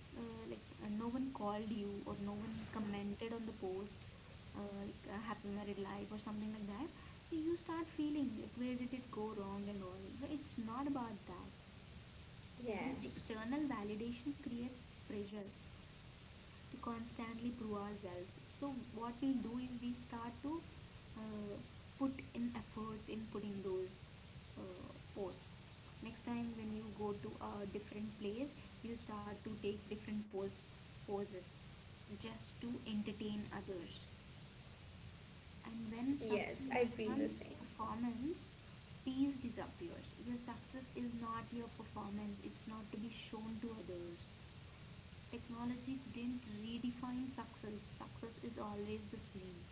B: Like, no one called you or no one commented on the post, like, happy married life or something like that. So you start feeling like where did it go wrong and all, right? It's not about that. This
A: Yes.
B: external validation creates pressure to constantly prove ourselves. So what we do is we start to uh, put in efforts in putting those uh, posts. Next time when you go to a different place, you start to take different poses just to entertain others. And when
A: Yes.
B: success
A: I feel the
B: becomes
A: same.
B: performance, peace disappears. Your success is not your performance, it's not to be shown to others. Technology didn't redefine success. Success is always the same.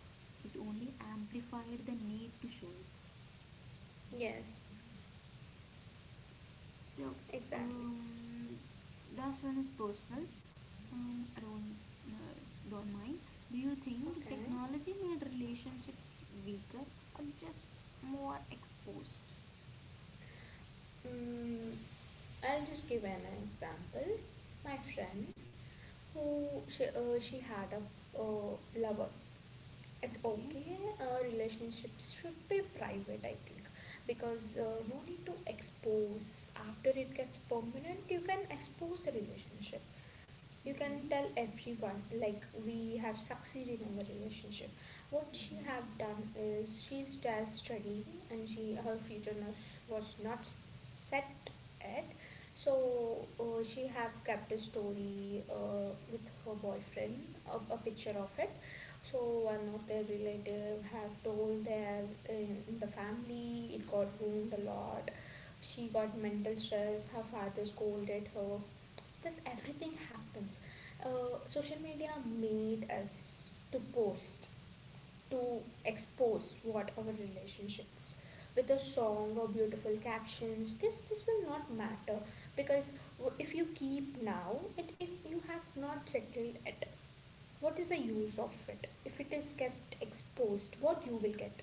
B: It only amplified the need to show it.
A: Yes.
B: So,
A: Exactly.
B: um, last one is personal. I uh, don't mind. Do you think
A: Okay.
B: technology made relationships weaker or just more exposed?
A: Mm, I'll just give an example. My friend who she had a lover. It's
B: Okay.
A: okay. Relationships should be private. I think because no need to expose after it gets permanent. You can expose the relationship, you can
B: Mhm.
A: tell everyone like we have succeeded in the relationship. What she
B: Mhm.
A: have done is she's just studying, and she her future not, was not set yet. So she have kept a story with her boyfriend, a picture of it. So one of their relative have told their, in the family it got ruined a lot. She got mental stress, her father scolded her. Thus, everything happens. Social media made us to post, to expose what our relationship is. With a song or beautiful captions, this will not matter because if you keep now, it you have not settled it. What is the
B: Yes.
A: use of it if it is just exposed? What you will get,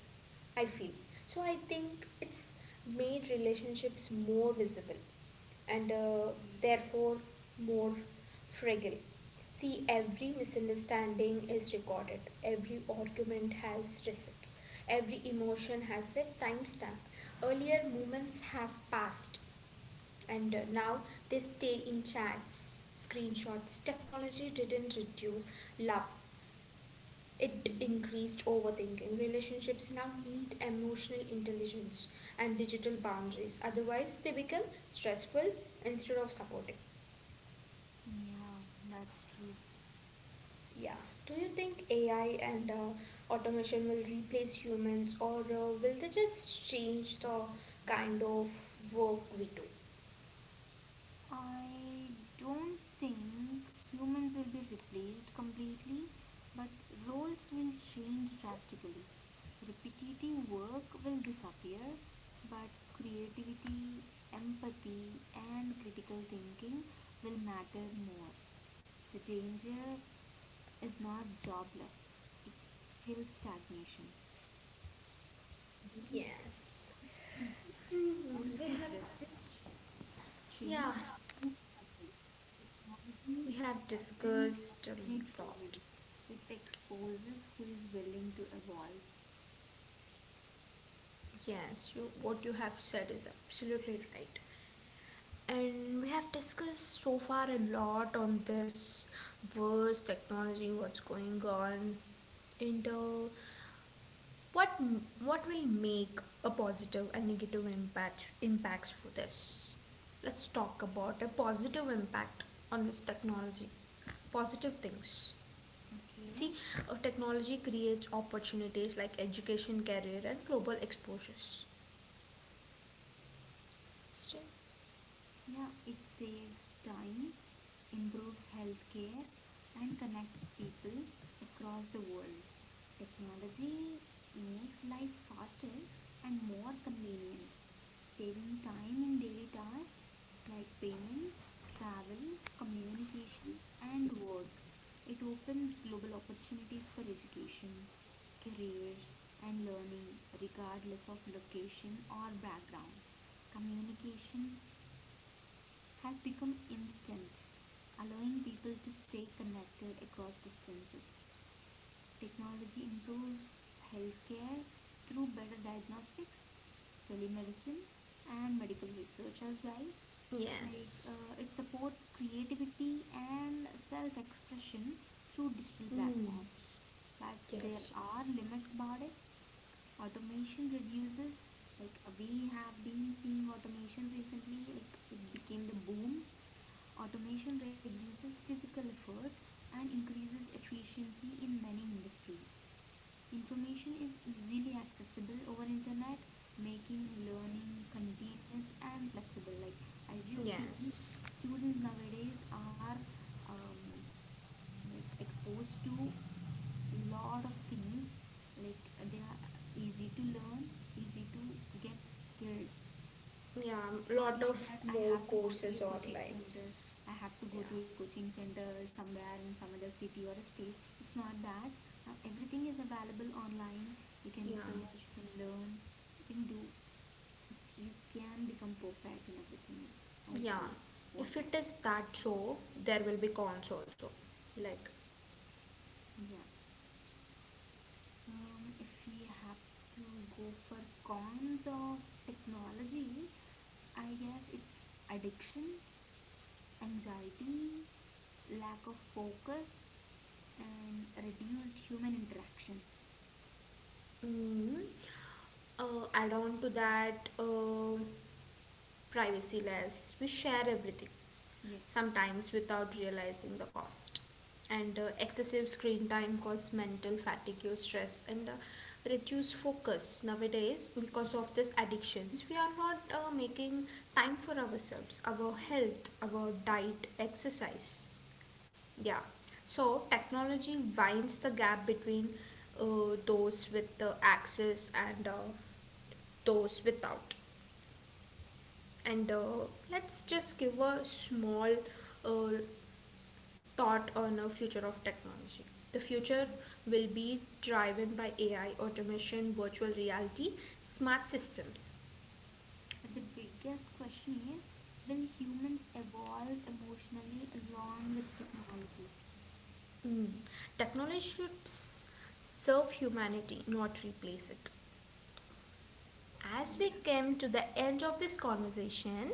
A: I feel. So I think it's made relationships more visible and
B: Okay.
A: therefore more fragile. See, every misunderstanding is recorded, every argument has receipts, every emotion has a timestamp. Earlier moments have passed, and now they stay in chats, screenshots. Technology didn't reduce love, it
B: Mhm.
A: increased overthinking. Relationships now need emotional intelligence and digital boundaries, otherwise, they become stressful instead of supporting.
B: Yeah, that's true.
A: Yeah. Do you think AI and automation will replace humans, or will they just change the kind of work we do?
B: I don't think humans will be replaced completely, but roles will change drastically. Repetitive work will disappear, but creativity, empathy, and critical thinking will matter more. The danger is not jobless, it's skill stagnation.
A: Yes.
B: Those
A: Hmm, we
B: who
A: have
B: resist
A: yeah
B: change is subtle. Technology
A: we have
B: doesn't
A: discussed
B: eliminate
A: a lot.
B: humans, it exposes who is willing to evolve.
A: Yes, you what you have said is absolutely right. And we have discussed so far a lot on this verse technology, what's going on, and what what will make a positive and negative impacts for this. Let's talk about a positive impact on this technology. Positive things. See,
B: Okay?
A: technology creates opportunities like education, career, and global exposures. So,
B: Yeah, it saves time, improves healthcare, and connects people across the world. Technology makes life faster and more convenient, saving time in daily tasks like payments, travel, communication, and work. It opens global opportunities for education, careers, and learning, regardless of location or background. Communication has become instant, allowing people to stay connected across distances. Technology improves healthcare through better diagnostics, telemedicine, and medical research as well. Like,
A: yes.
B: it supports creativity and self expression through digital
A: Mm,
B: platforms. But
A: yes.
B: there are
A: Yes.
B: limits about it. Automation reduces, like we have been seeing automation recently, like it became the boom. Automation reduces physical effort and increases efficiency in many industries. Information is easily accessible over internet, making learning continuous and flexible. Like as you see,
A: Yes.
B: students nowadays are um, like exposed to lot of things. Like they are easy to learn, easy to get skilled.
A: Yeah,
B: It's not
A: lot
B: like
A: of
B: that. I
A: more
B: have to go to a
A: courses or
B: coaching center.
A: likes.
B: I have to go
A: Yeah,
B: to a coaching center somewhere in some other city or a state. It's not that. Now everything is available online. You can
A: yeah.
B: search, you can learn, you can do, you can become perfect in everything as
A: yeah.
B: you
A: If
B: want it.
A: it is that so, there will be cons also. Like,
B: Yeah. If we have to go for cons of technology, I guess it's addiction, anxiety, lack of focus, and reduced human interaction.
A: mm, add on to that, privacy less. We share everything,
B: Yes,
A: sometimes without realizing the cost. And excessive screen time causes mental fatigue, stress, and reduced focus. Nowadays, because of this addictions, we are not making time for ourselves, our
B: yes.
A: health, our diet, exercise. Yeah. So, technology winds the gap between those with the access and those without. And let's just give a small uh, thought on the future of technology. The future
B: Yeah.
A: will be driven by AI, automation, virtual reality, smart systems.
B: But the biggest question is, will humans evolve emotionally along with technology?
A: Hmm. Technology should serve humanity, not replace it. As we
B: Yeah.
A: came to the end of this conversation,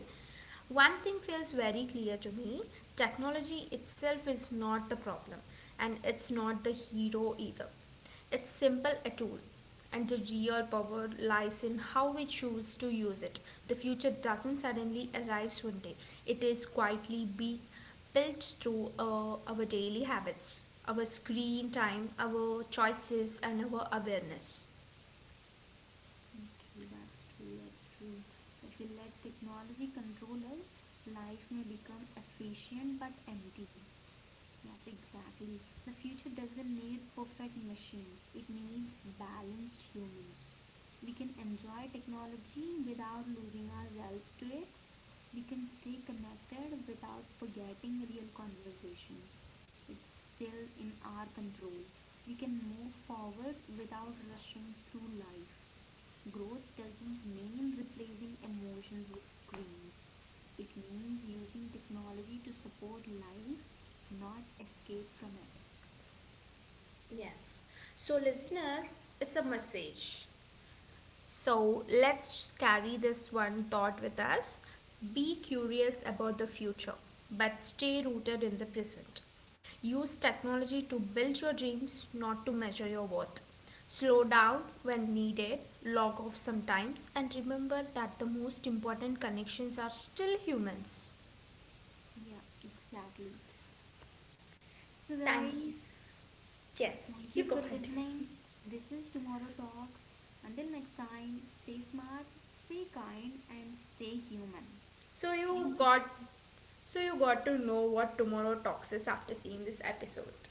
A: one thing feels very clear to me: technology itself is not the problem, and it's not the hero either. It's simple a tool, and the real power lies in how we choose to use it. The future doesn't suddenly arrive one day. It is quietly being built through our daily habits, our screen time, our choices, and our awareness.
B: Okay, that's true, that's true. If we let technology control us, life may become efficient but empty. Yes, exactly. The future doesn't need perfect machines, it needs balanced humans. We can enjoy technology without losing ourselves to it. We can stay connected without forgetting real conversations. It's still in our control. We can move forward without rushing through life. Growth doesn't mean replacing emotions with screens. It means using technology to support life, not escape from it.
A: Yes. So, listeners, it's a message. So let's carry this one thought with us. Be curious about the future, but stay rooted in the present. Use technology to build your dreams, not to measure your worth. Slow down when needed, log off sometimes, and remember that the most important connections are still humans.
B: Yeah, exactly. So,
A: Thank—
B: guys,
A: yes,
B: thank
A: you
B: you
A: go
B: for
A: ahead.
B: listening. This is Tomorrow Talks. Until next time, stay smart, stay kind, and stay human.
A: So you
B: Thank you.
A: got— so you got to know what tomorrow talks is after seeing this episode.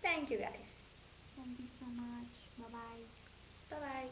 A: Thank you guys.
B: Thank you so much. Bye bye.
A: 拜拜。